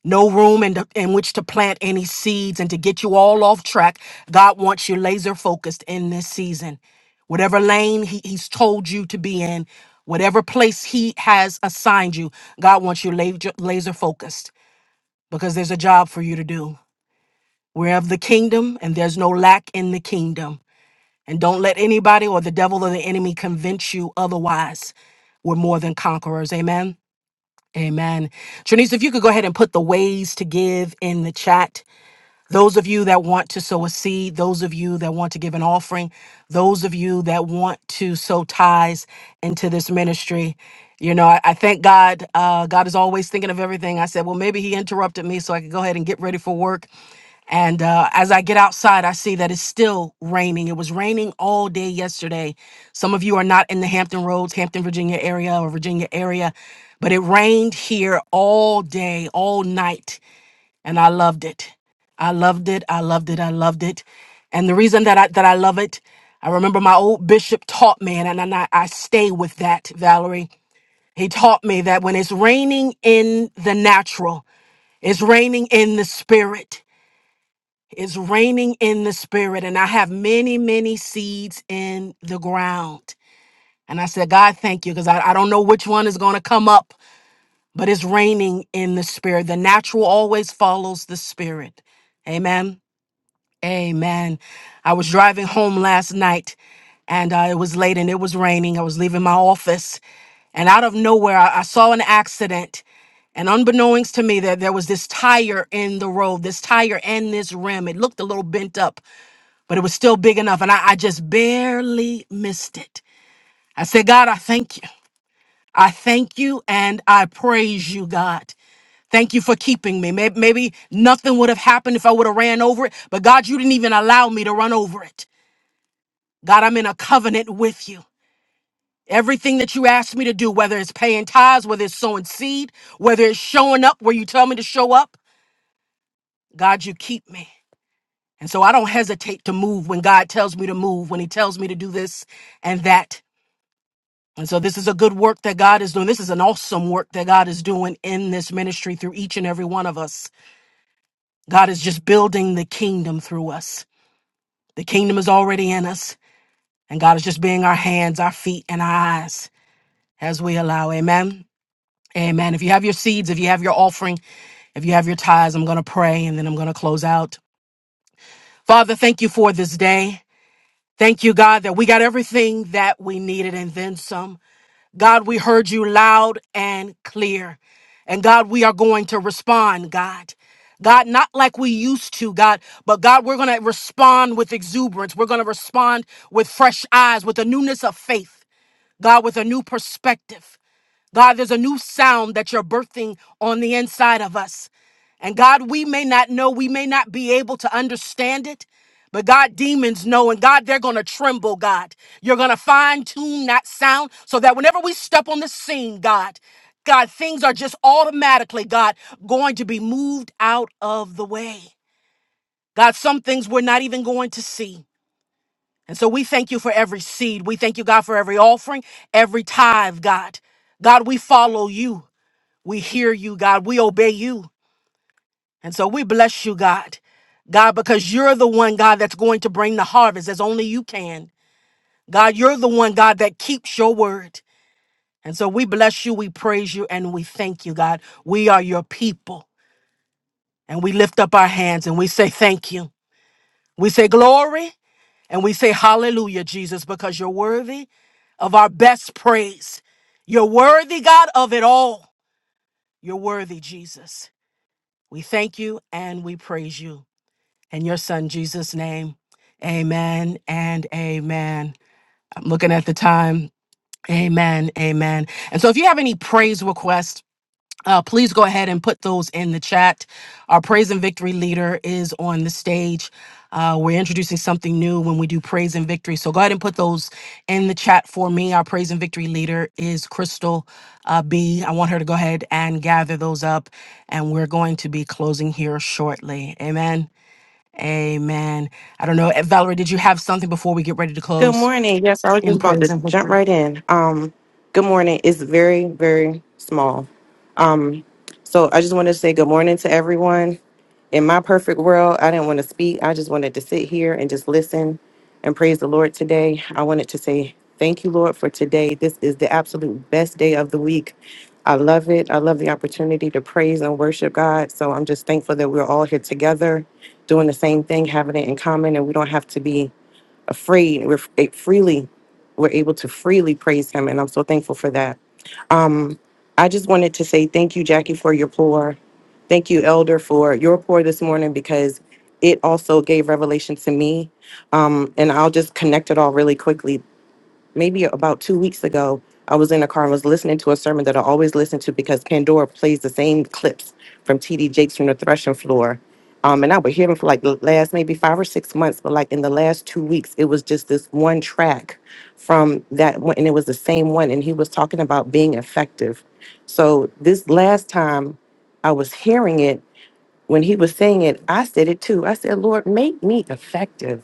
S2: no room in, the, in which to plant any seeds and to get you all off track. God wants you laser focused in this season. Whatever lane he, He's told you to be in, whatever place He has assigned you, God wants you laser, laser focused because there's a job for you to do. We're of the kingdom and there's no lack in the kingdom. And don't let anybody or the devil or the enemy convince you otherwise. We're more than conquerors. Amen. Amen. Trinice, if you could go ahead and put the ways to give in the chat. Those of you that want to sow a seed, those of you that want to give an offering, those of you that want to sow ties into this ministry, you know, I, I thank God. Uh, God is always thinking of everything. I said, well, maybe He interrupted me so I could go ahead and get ready for work. And uh, as I get outside, I see that it's still raining. It was raining all day yesterday. Some of you are not in the Hampton Roads, Hampton, Virginia area or Virginia area, but it rained here all day, all night and I loved it. I loved it. I loved it. I loved it. And the reason that I that I love it, I remember my old bishop taught me, and, and I, I stay with that, Valerie. He taught me that when it's raining in the natural, it's raining in the spirit. It's raining in the spirit. And I have many, many seeds in the ground. And I said, God, thank you, because I, I don't know which one is going to come up, but it's raining in the spirit. The natural always follows the spirit. Amen. Amen. I was driving home last night and uh, it was late and it was raining. I was leaving my office and out of nowhere, I, I saw an accident. And unbeknownst to me, that there there was this tire in the road, this tire and this rim. It looked a little bent up, but it was still big enough. And I, I just barely missed it. I said, God, I thank you. I thank you and I praise you, God. Thank you for keeping me. Maybe, maybe nothing would have happened if I would have ran over it, but God, you didn't even allow me to run over it. God, I'm in a covenant with you. Everything that you ask me to do, whether it's paying tithes, whether it's sowing seed, whether it's showing up where you tell me to show up, God, you keep me. And so I don't hesitate to move when God tells me to move, when He tells me to do this and that. And so this is a good work that God is doing. This is an awesome work that God is doing in this ministry through each and every one of us. God is just building the kingdom through us. The kingdom is already in us, and God is just being our hands, our feet, and our eyes as we allow. Amen. Amen. If you have your seeds, if you have your offering, if you have your tithes, I'm going to pray and then I'm going to close out. Father, thank you for this day. Thank you, God, that we got everything that we needed and then some. God, we heard you loud and clear. And God, we are going to respond, God. God, not like we used to, God, but God, we're going to respond with exuberance. We're going to respond with fresh eyes, with a newness of faith, God, with a new perspective. God, there's a new sound that you're birthing on the inside of us. And God, we may not know, we may not be able to understand it, but God, demons know. And God, they're going to tremble, God. You're going to fine tune that sound so that whenever we step on the scene, God, God, things are just automatically, God, going to be moved out of the way. God, some things we're not even going to see. And so we thank you for every seed. We thank you, God, for every offering, every tithe, God. God, we follow you. We hear you, God. We obey you. And so we bless you, God. God, because you're the one, God, that's going to bring the harvest as only you can. God, you're the one, God, that keeps your word. And so we bless you, we praise you, and we thank you, God. We are your people. And we lift up our hands and we say thank you. We say glory and we say hallelujah, Jesus, because you're worthy of our best praise. You're worthy, God, of it all. You're worthy, Jesus. We thank you and we praise you. In your son Jesus' name, amen and amen. I'm looking at the time. Amen, amen. And so if you have any praise requests, uh, please go ahead and put those in the chat. Our praise and victory leader is on the stage. Uh, we're introducing something new when we do praise and victory. So go ahead and put those in the chat for me. Our praise and victory leader is Crystal uh, B. I want her to go ahead and gather those up, and we're going to be closing here shortly. Amen. Amen. I don't know. eh, Valerie, did you have something before we get ready to
S4: Good
S2: close
S4: morning. Yes, I was just
S2: in
S4: about
S2: praise
S4: to
S2: and
S4: jump
S2: victory?
S4: right in. Um, good morning It's very, very small. Um, so I just wanted to say good morning to everyone. In my perfect world, I didn't want to speak. I just wanted to sit here and just listen and praise the Lord today. I wanted to say thank you, Lord, for today. This is the absolute best day of the week. I love it. I love the opportunity to praise and worship God. So I'm just thankful that we're all here together doing the same thing, having it in common, and we don't have to be afraid. We're f- it freely, we're able to freely praise Him, and I'm so thankful for that. Um, I just wanted to say thank you, Jackie, for your pour. Thank you, Elder, for your pour this morning because it also gave revelation to me. Um, and I'll just connect it all really quickly maybe about two weeks ago, I was in the car and was listening to a sermon that I always listen to because Pandora plays the same clips from TD Jakes from the threshing floor. Um, and I would hear them for like the last maybe five or six months, but like in the last two weeks, it was just this one track from that one, and it was the same one. And he was talking about being effective. So this last time I was hearing it, when he was saying it, I said it too. I said, Lord, make me effective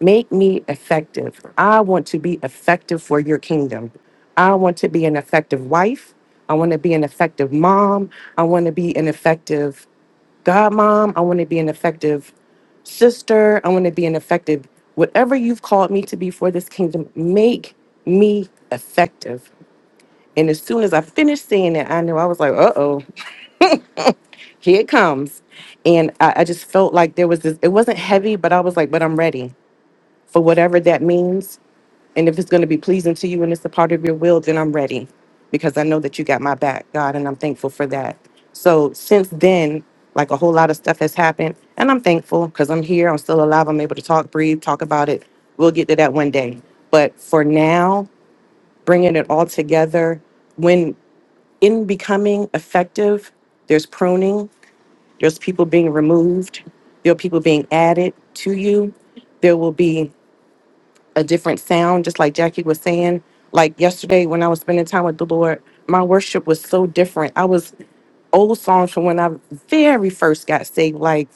S4: Make me effective. I want to be effective for your kingdom. I want to be an effective wife. I want to be an effective mom. I want to be an effective godmom. I want to be an effective sister. I want to be an effective whatever you've called me to be for this kingdom. Make me effective. And as soon as I finished saying that, I knew I was like, uh oh, here it comes. And I, I just felt like there was this, it wasn't heavy, but I was like, but I'm ready for whatever that means. And if it's going to be pleasing to you and it's a part of your will, then I'm ready because I know that you got my back, God, and I'm thankful for that. So since then, like a whole lot of stuff has happened, and I'm thankful because I'm here, I'm still alive, I'm able to talk, breathe, talk about it. We'll get to that one day. But for now, bringing it all together, when in becoming effective, there's pruning, there's people being removed, there are people being added to you. There will be a different sound, just like Jackie was saying. Like yesterday when I was spending time with the Lord, my worship was so different. I was old songs from when I very first got saved, like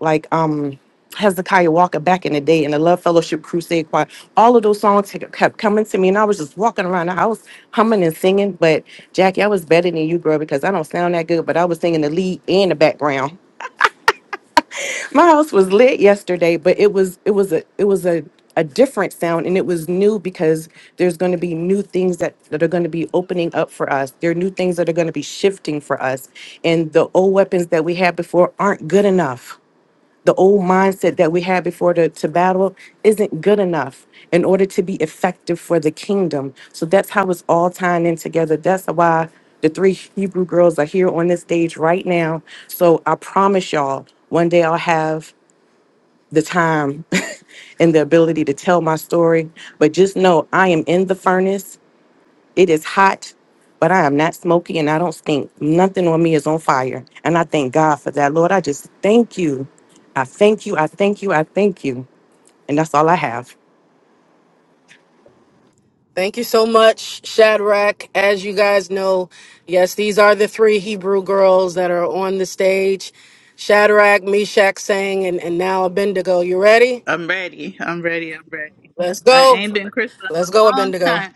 S4: like um Hezekiah Walker back in the day and the Love Fellowship Crusade Choir. All of those songs had- kept coming to me, and I was just walking around the house humming and singing. But Jackie, I was better than you, girl, because I don't sound that good. But I was singing the lead and the background. My house was lit yesterday, but it was it was a it was a a different sound and it was new because there's going to be new things that, that are going to be opening up for us. There are new things that are going to be shifting for us. And the old weapons that we had before aren't good enough. The old mindset that we had before to, to battle isn't good enough in order to be effective for the kingdom. So that's how it's all tying in together. That's why the three Hebrew girls are here on this stage right now. So I promise y'all, one day I'll have the time and the ability to tell my story. But just know I am in the furnace. It is hot, but I am not smoky and I don't stink. Nothing on me is on fire. And I thank God for that. Lord, I just thank you. I thank you. I thank you. I thank you. And that's all I have.
S2: Thank you so much, Shadrach. As you guys know, yes, these are the three Hebrew girls that are on the stage Shadrach, Meshach, Sang, and, and now Abednego. You ready?
S5: I'm ready. I'm ready. I'm ready.
S2: Let's
S5: I
S2: go.
S5: ain't been crystal in
S2: Let's
S5: a
S2: go,
S5: long
S2: Abednego.
S5: time.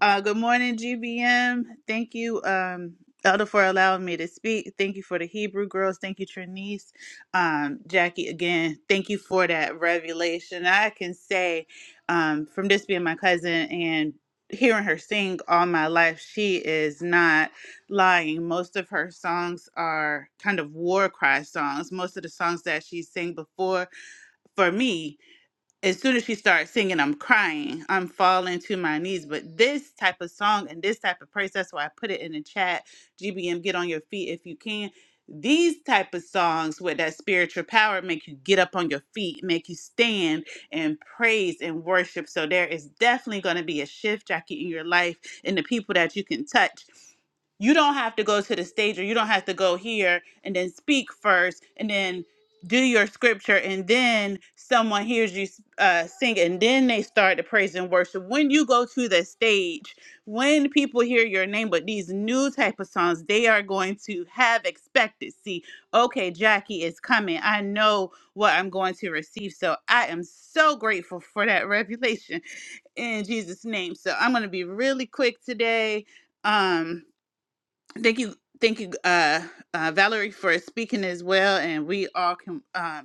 S5: Uh, good morning, GBM. Thank you, um, Elder, for allowing me to speak. Thank you for the Hebrew girls. Thank you, Trinice. Um, Jackie, again, thank you for that revelation. I can say um, from this being my cousin and hearing her sing all my life, she is not lying. Most of her songs are kind of war cry songs. Most of the songs that she sang before for me as soon as she starts singing, I'm crying. I'm falling to my knees. But this type of song and this type of praise, that's why I put it in the chat. GBM, get on your feet if you can. These type of songs with that spiritual power make you get up on your feet, make you stand and praise and worship. So there is definitely going to be a shift, Jackie, in your life and the people that you can touch you don't have to go to the stage or you don't have to go here and then speak first and then do your scripture and then someone hears you uh, sing and then they start to praise and worship when you go to the stage when people hear your name but these new type of songs they are going to have expectancy okay jackie is coming i know what i'm going to receive so i am so grateful for that revelation in jesus name so i'm going to be really quick today um thank you thank you uh, uh valerie for speaking as well and we all can um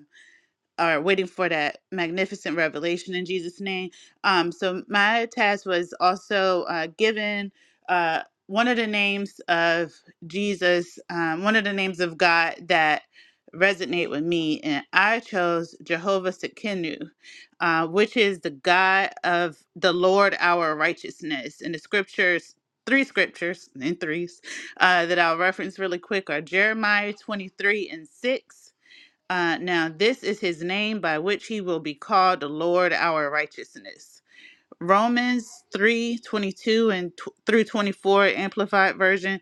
S5: are waiting for that magnificent revelation in Jesus' name. Um, so my task was also uh, given uh, one of the names of Jesus, um, one of the names of God that resonate with me, and I chose Jehovah Sekinu, uh, which is the God of the Lord our righteousness. And the scriptures, three scriptures in threes, uh, that I'll reference really quick are Jeremiah 23 and 6. Uh, now this is his name by which he will be called the Lord our righteousness. Romans 3 22 and tw through 24, Amplified Version.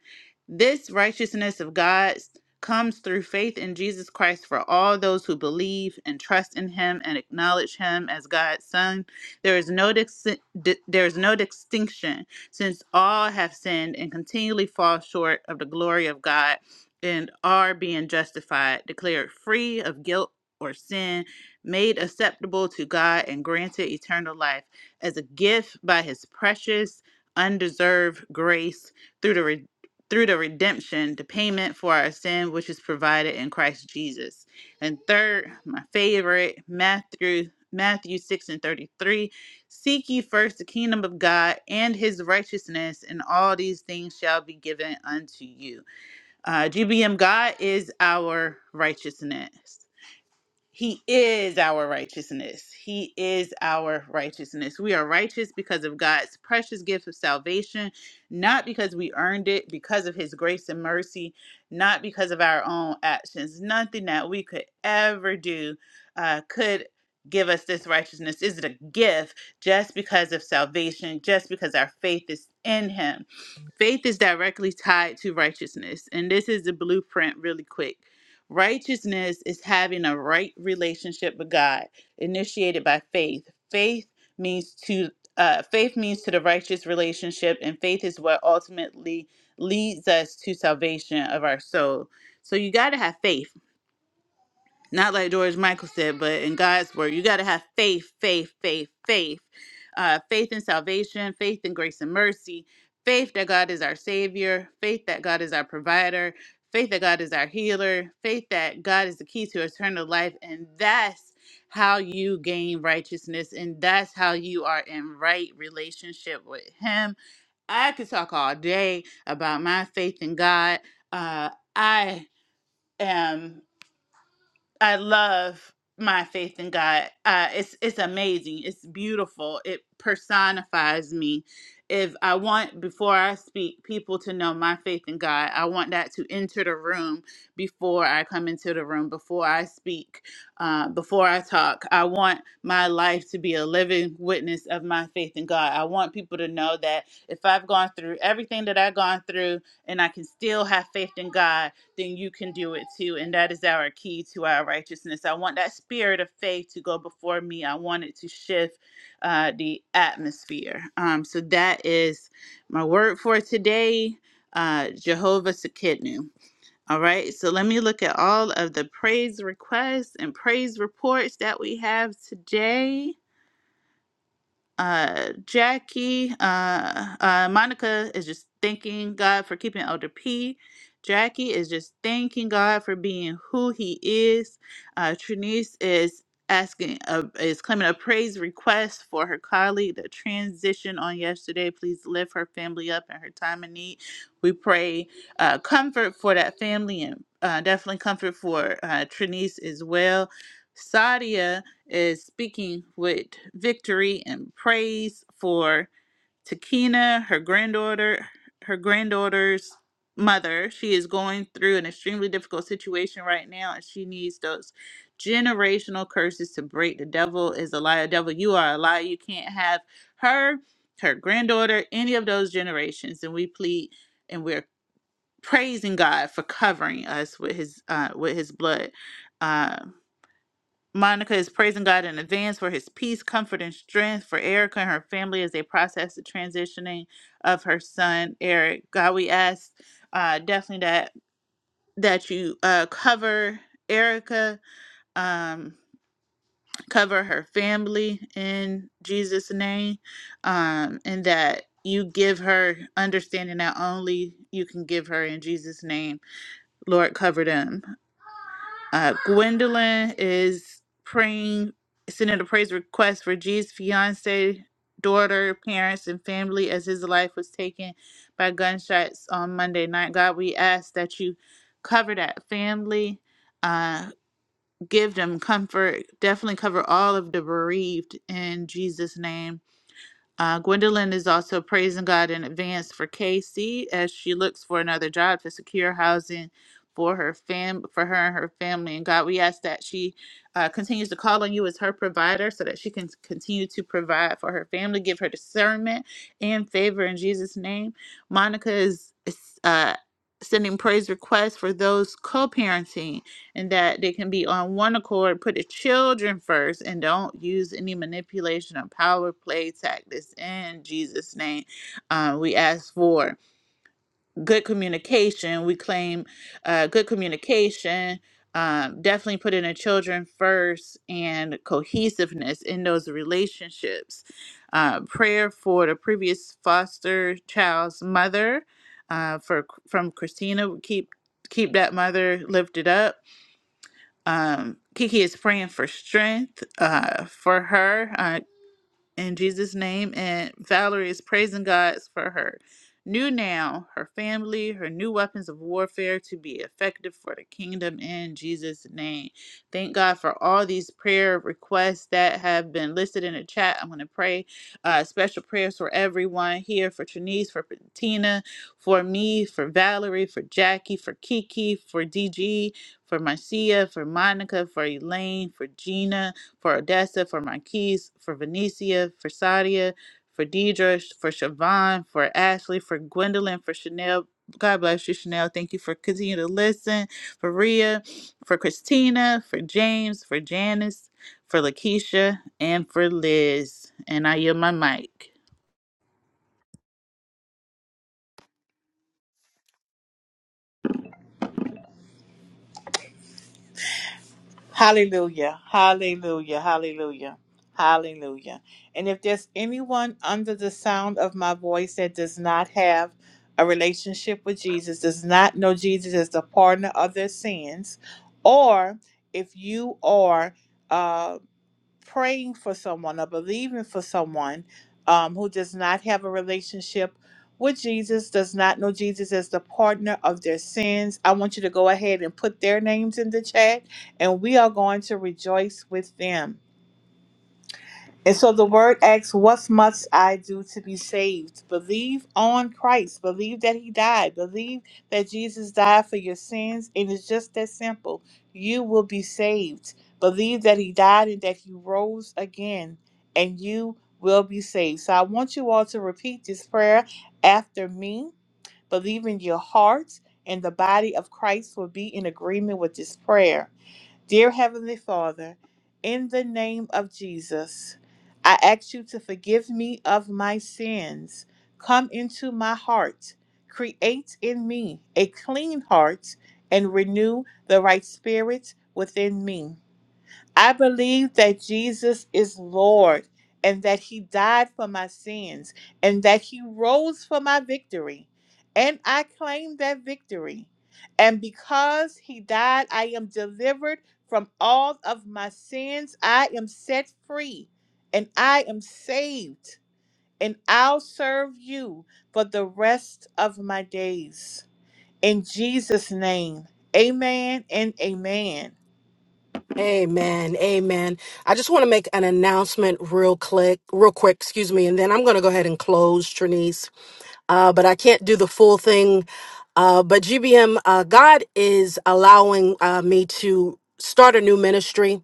S5: This righteousness of God comes through faith in Jesus Christ for all those who believe and trust in him and acknowledge him as God's son. There is no dis- di- there is no distinction since all have sinned and continually fall short of the glory of God and are being justified, declared free of guilt or sin, made acceptable to God and granted eternal life as a gift by his precious undeserved grace through the re- through the redemption the payment for our sin which is provided in Christ Jesus and third my favorite Matthew Matthew 6 and 33 seek ye first the kingdom of God and his righteousness and all these things shall be given unto you uh, GBM God is our righteousness he is our righteousness. He is our righteousness. We are righteous because of God's precious gift of salvation, not because we earned it, because of His grace and mercy, not because of our own actions. Nothing that we could ever do uh, could give us this righteousness. Is it a gift just because of salvation, just because our faith is in Him? Faith is directly tied to righteousness. And this is the blueprint, really quick. Righteousness is having a right relationship with God, initiated by faith. Faith means to uh, faith means to the righteous relationship, and faith is what ultimately leads us to salvation of our soul. So you got to have faith not like George Michael said, but in God's word, you got to have faith, faith, faith, faith. Uh, faith in salvation, faith in grace and mercy, faith that God is our Savior, faith that God is our provider, faith that God is our healer, faith that God is the key to eternal life. And that's how you gain righteousness, and that's how you are in right relationship with Him. I could talk all day about my faith in God. Uh, I am. I love my faith in God. Uh, it's it's amazing. It's beautiful. It personifies me. If I want before I speak people to know my faith in God, I want that to enter the room before I come into the room, before I speak, uh, before I talk. I want my life to be a living witness of my faith in God. I want people to know that if I've gone through everything that I've gone through, and I can still have faith in God, then you can do it too. And that is our key to our righteousness. I want that spirit of faith to go before me. I want it to shift uh, the atmosphere. Um, so that is my word for today, uh, Jehovah Sakidnu. All right, so let me look at all of the praise requests and praise reports that we have today uh Jackie uh uh Monica is just thanking God for keeping Elder P. Jackie is just thanking God for being who he is. Uh Trinice is asking uh, is claiming a praise request for her colleague that transitioned on yesterday. Please lift her family up in her time of need. We pray uh comfort for that family and uh, definitely comfort for uh Trinice as well. Sadia is speaking with victory and praise for Takina, her granddaughter, her granddaughter's mother. She is going through an extremely difficult situation right now, and she needs those generational curses to break. The devil is a liar. Devil, you are a liar. You can't have her, her granddaughter, any of those generations. And we plead and we're praising God for covering us with his uh with his blood. Um, Monica is praising God in advance for his peace, comfort, and strength for Erica and her family as they process the transitioning of her son, Eric. God, we ask uh, definitely that that you uh, cover Erica, um, cover her family in Jesus' name, um, and that you give her understanding that only you can give her in Jesus' name. Lord, cover them. Uh, Gwendolyn is praying, sending a praise request for G's fiance, daughter, parents, and family as his life was taken by gunshots on Monday night. God, we ask that you cover that family, uh, give them comfort, definitely cover all of the bereaved in Jesus' name. Uh, Gwendolyn is also praising God in advance for Casey as she looks for another job to secure housing for her fam for her and her family. And God, we ask that she uh, continues to call on you as her provider, so that she can continue to provide for her family. Give her discernment and favor in Jesus' name. Monica is, is uh, sending praise requests for those co-parenting and that they can be on one accord, put the children first, and don't use any manipulation or power play tactics. In Jesus' name, uh, we ask for good communication. We claim uh, good communication. Um, definitely putting the children first and cohesiveness in those relationships. Uh, prayer for the previous foster child's mother uh, for from Christina. Keep keep that mother lifted up um, Kiki is praying for strength uh, for her. uh, in Jesus' name. And Valerie is praising God for her new now, her family, her new weapons of warfare to be effective for the kingdom in Jesus' name. Thank God for all these prayer requests that have been listed in the chat. I'm going to pray uh, special prayers for everyone here for Trinice, for Tina, for me, for Valerie, for Jackie, for Kiki, for DG, for Marcia, for Monica, for Elaine, for Gina for Odessa, for Marquise, for Venicia, for Sadia, for Deidre, for Siobhan, for Ashley, for Gwendolyn, for Chanel. God bless you, Chanel. Thank you for continuing to listen. For Rhea, for Christina, for James, for Janice, for Lakeisha, and for Liz. And I yield my mic.
S1: Hallelujah. Hallelujah. Hallelujah. Hallelujah. And if there's anyone under the sound of my voice that does not have a relationship with Jesus, does not know Jesus as the partner of their sins, or if you are uh, praying for someone or believing for someone um, who does not have a relationship with Jesus, does not know Jesus as the partner of their sins, I want you to go ahead and put their names in the chat, and we are going to rejoice with them. And so the word asks, What must I do to be saved? Believe on Christ. Believe that He died. Believe that Jesus died for your sins. And it's just that simple. You will be saved. Believe that He died and that He rose again, and you will be saved. So I want you all to repeat this prayer after me. Believe in your heart, and the body of Christ will be in agreement with this prayer. Dear Heavenly Father, in the name of Jesus, I ask you to forgive me of my sins. Come into my heart. Create in me a clean heart and renew the right spirit within me. I believe that Jesus is Lord and that he died for my sins and that he rose for my victory. And I claim that victory. And because he died, I am delivered from all of my sins. I am set free and I am saved. And I'll serve you for the rest of my days. In Jesus' name, amen and amen.
S2: Amen. Amen. I just want to make an announcement real quick, real quick, excuse me, and then I'm going to go ahead and close, Trinice. uh, but I can't do the full thing. Uh, but GBM, uh, God is allowing uh, me to start a new ministry,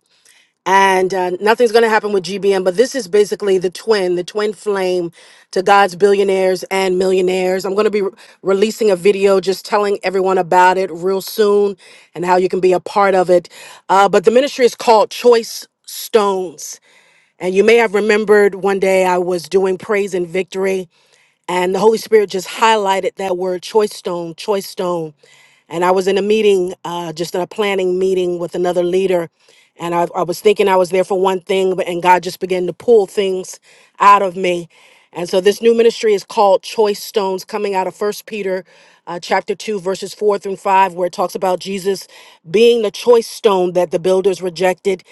S2: and uh, nothing's going to happen with GBM. But this is basically the twin, the twin flame to God's billionaires and millionaires. I'm going to be re- releasing a video just telling everyone about it real soon and how you can be a part of it. Uh, but the ministry is called Choice Stones. And you may have remembered one day I was doing Praise and Victory. And the Holy Spirit just highlighted that word choice stone, choice stone. And I was in a meeting, uh, just in a planning meeting with another leader. And I, I was thinking I was there for one thing, but and God just began to pull things out of me. And so this new ministry is called Choice Stones, coming out of First Peter, uh, chapter two, verses four through five, where it talks about Jesus being the choice stone that the builders rejected.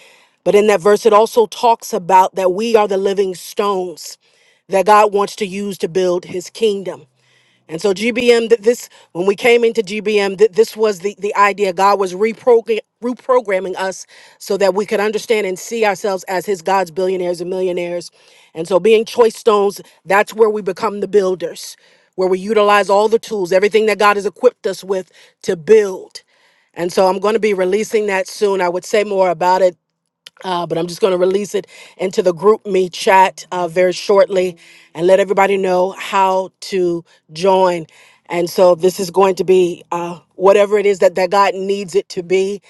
S2: But in that verse, it also talks about that we are the living stones that God wants to use to build his kingdom. And so GBM that this when we came into GBM that this was the the idea God was reprogram, reprogramming us so that we could understand and see ourselves as his God's billionaires and millionaires. And so being choice stones that's where we become the builders where we utilize all the tools everything that God has equipped us with to build. And so I'm going to be releasing that soon. I would say more about it uh, but I'm just going to release it into the group me chat uh, very shortly and let everybody know how to join. And so this is going to be uh, whatever it is that, that God needs it to be.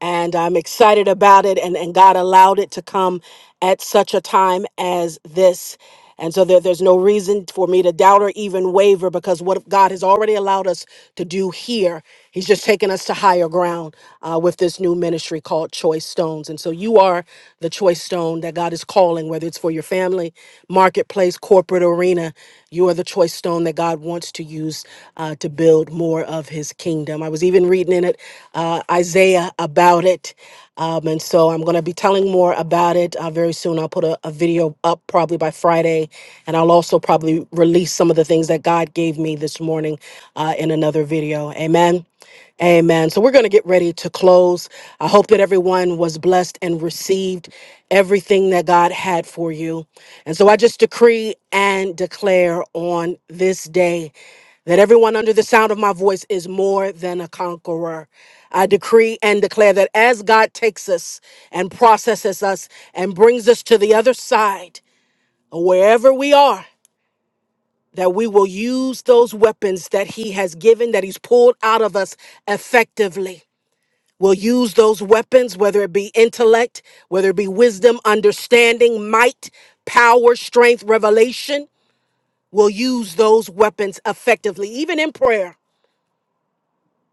S2: And I'm excited about it. And, and God allowed it to come at such a time as this. And so there, there's no reason for me to doubt or even waver because what God has already allowed us to do here, He's just taken us to higher ground uh, with this new ministry called Choice Stones. And so you are the choice stone that God is calling, whether it's for your family, marketplace, corporate arena. You are the choice stone that God wants wants to use uh, to build more of his kingdom. I was even reading in it uh, Isaiah about it. Um, and so I'm going to be telling more about it uh, very soon. I'll put a, a video up probably by Friday, and I'll also probably release some of the things that God gave me this morning uh, in another video. Amen. Amen. So we're going to get ready to close. I hope that everyone was blessed and received everything that God had for you. And so I just decree and declare on this day that everyone under the sound of my voice is more than a conqueror. I decree and declare that as God takes us and processes us and brings us to the other side, wherever we are, that we will use those weapons that He has given, that He's pulled out of us effectively will use those weapons, whether it be intellect, whether it be wisdom, understanding, might, power, strength, revelation, will use those weapons effectively, even in prayer.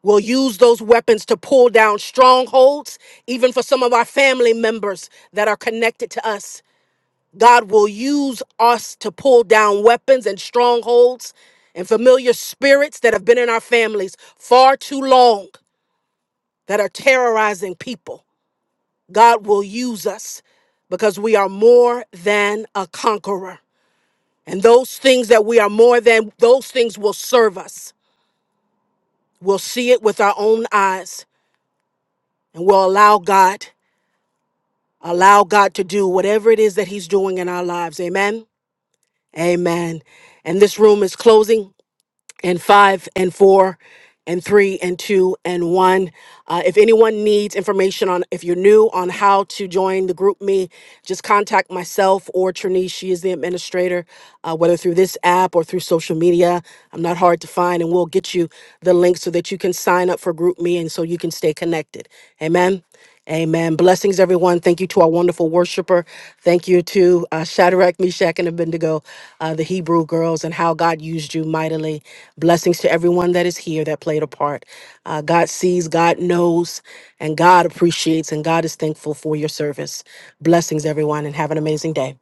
S2: We'll use those weapons to pull down strongholds, even for some of our family members that are connected to us. God will use us to pull down weapons and strongholds and familiar spirits that have been in our families far too long that are terrorizing people. God will use us because we are more than a conqueror. And those things that we are more than, those things will serve us. We'll see it with our own eyes and we'll allow God, allow God to do whatever it is that He's doing in our lives. Amen. Amen. And this room is closing. and five and four and three and two and one. Uh, if anyone needs information on, if you're new on how to join the group me, just contact myself or Trinice. She is the administrator, uh, whether through this app or through social media. I'm not hard to find, and we'll get you the link so that you can sign up for group me and so you can stay connected. Amen. Amen. Blessings, everyone. Thank you to our wonderful worshiper. Thank you to uh, Shadrach, Meshach, and Abednego, uh, the Hebrew girls, and how God used you mightily. Blessings to everyone that is here that played a part. Uh, God sees, God knows, and God appreciates, and God is thankful for your service. Blessings, everyone, and have an amazing day.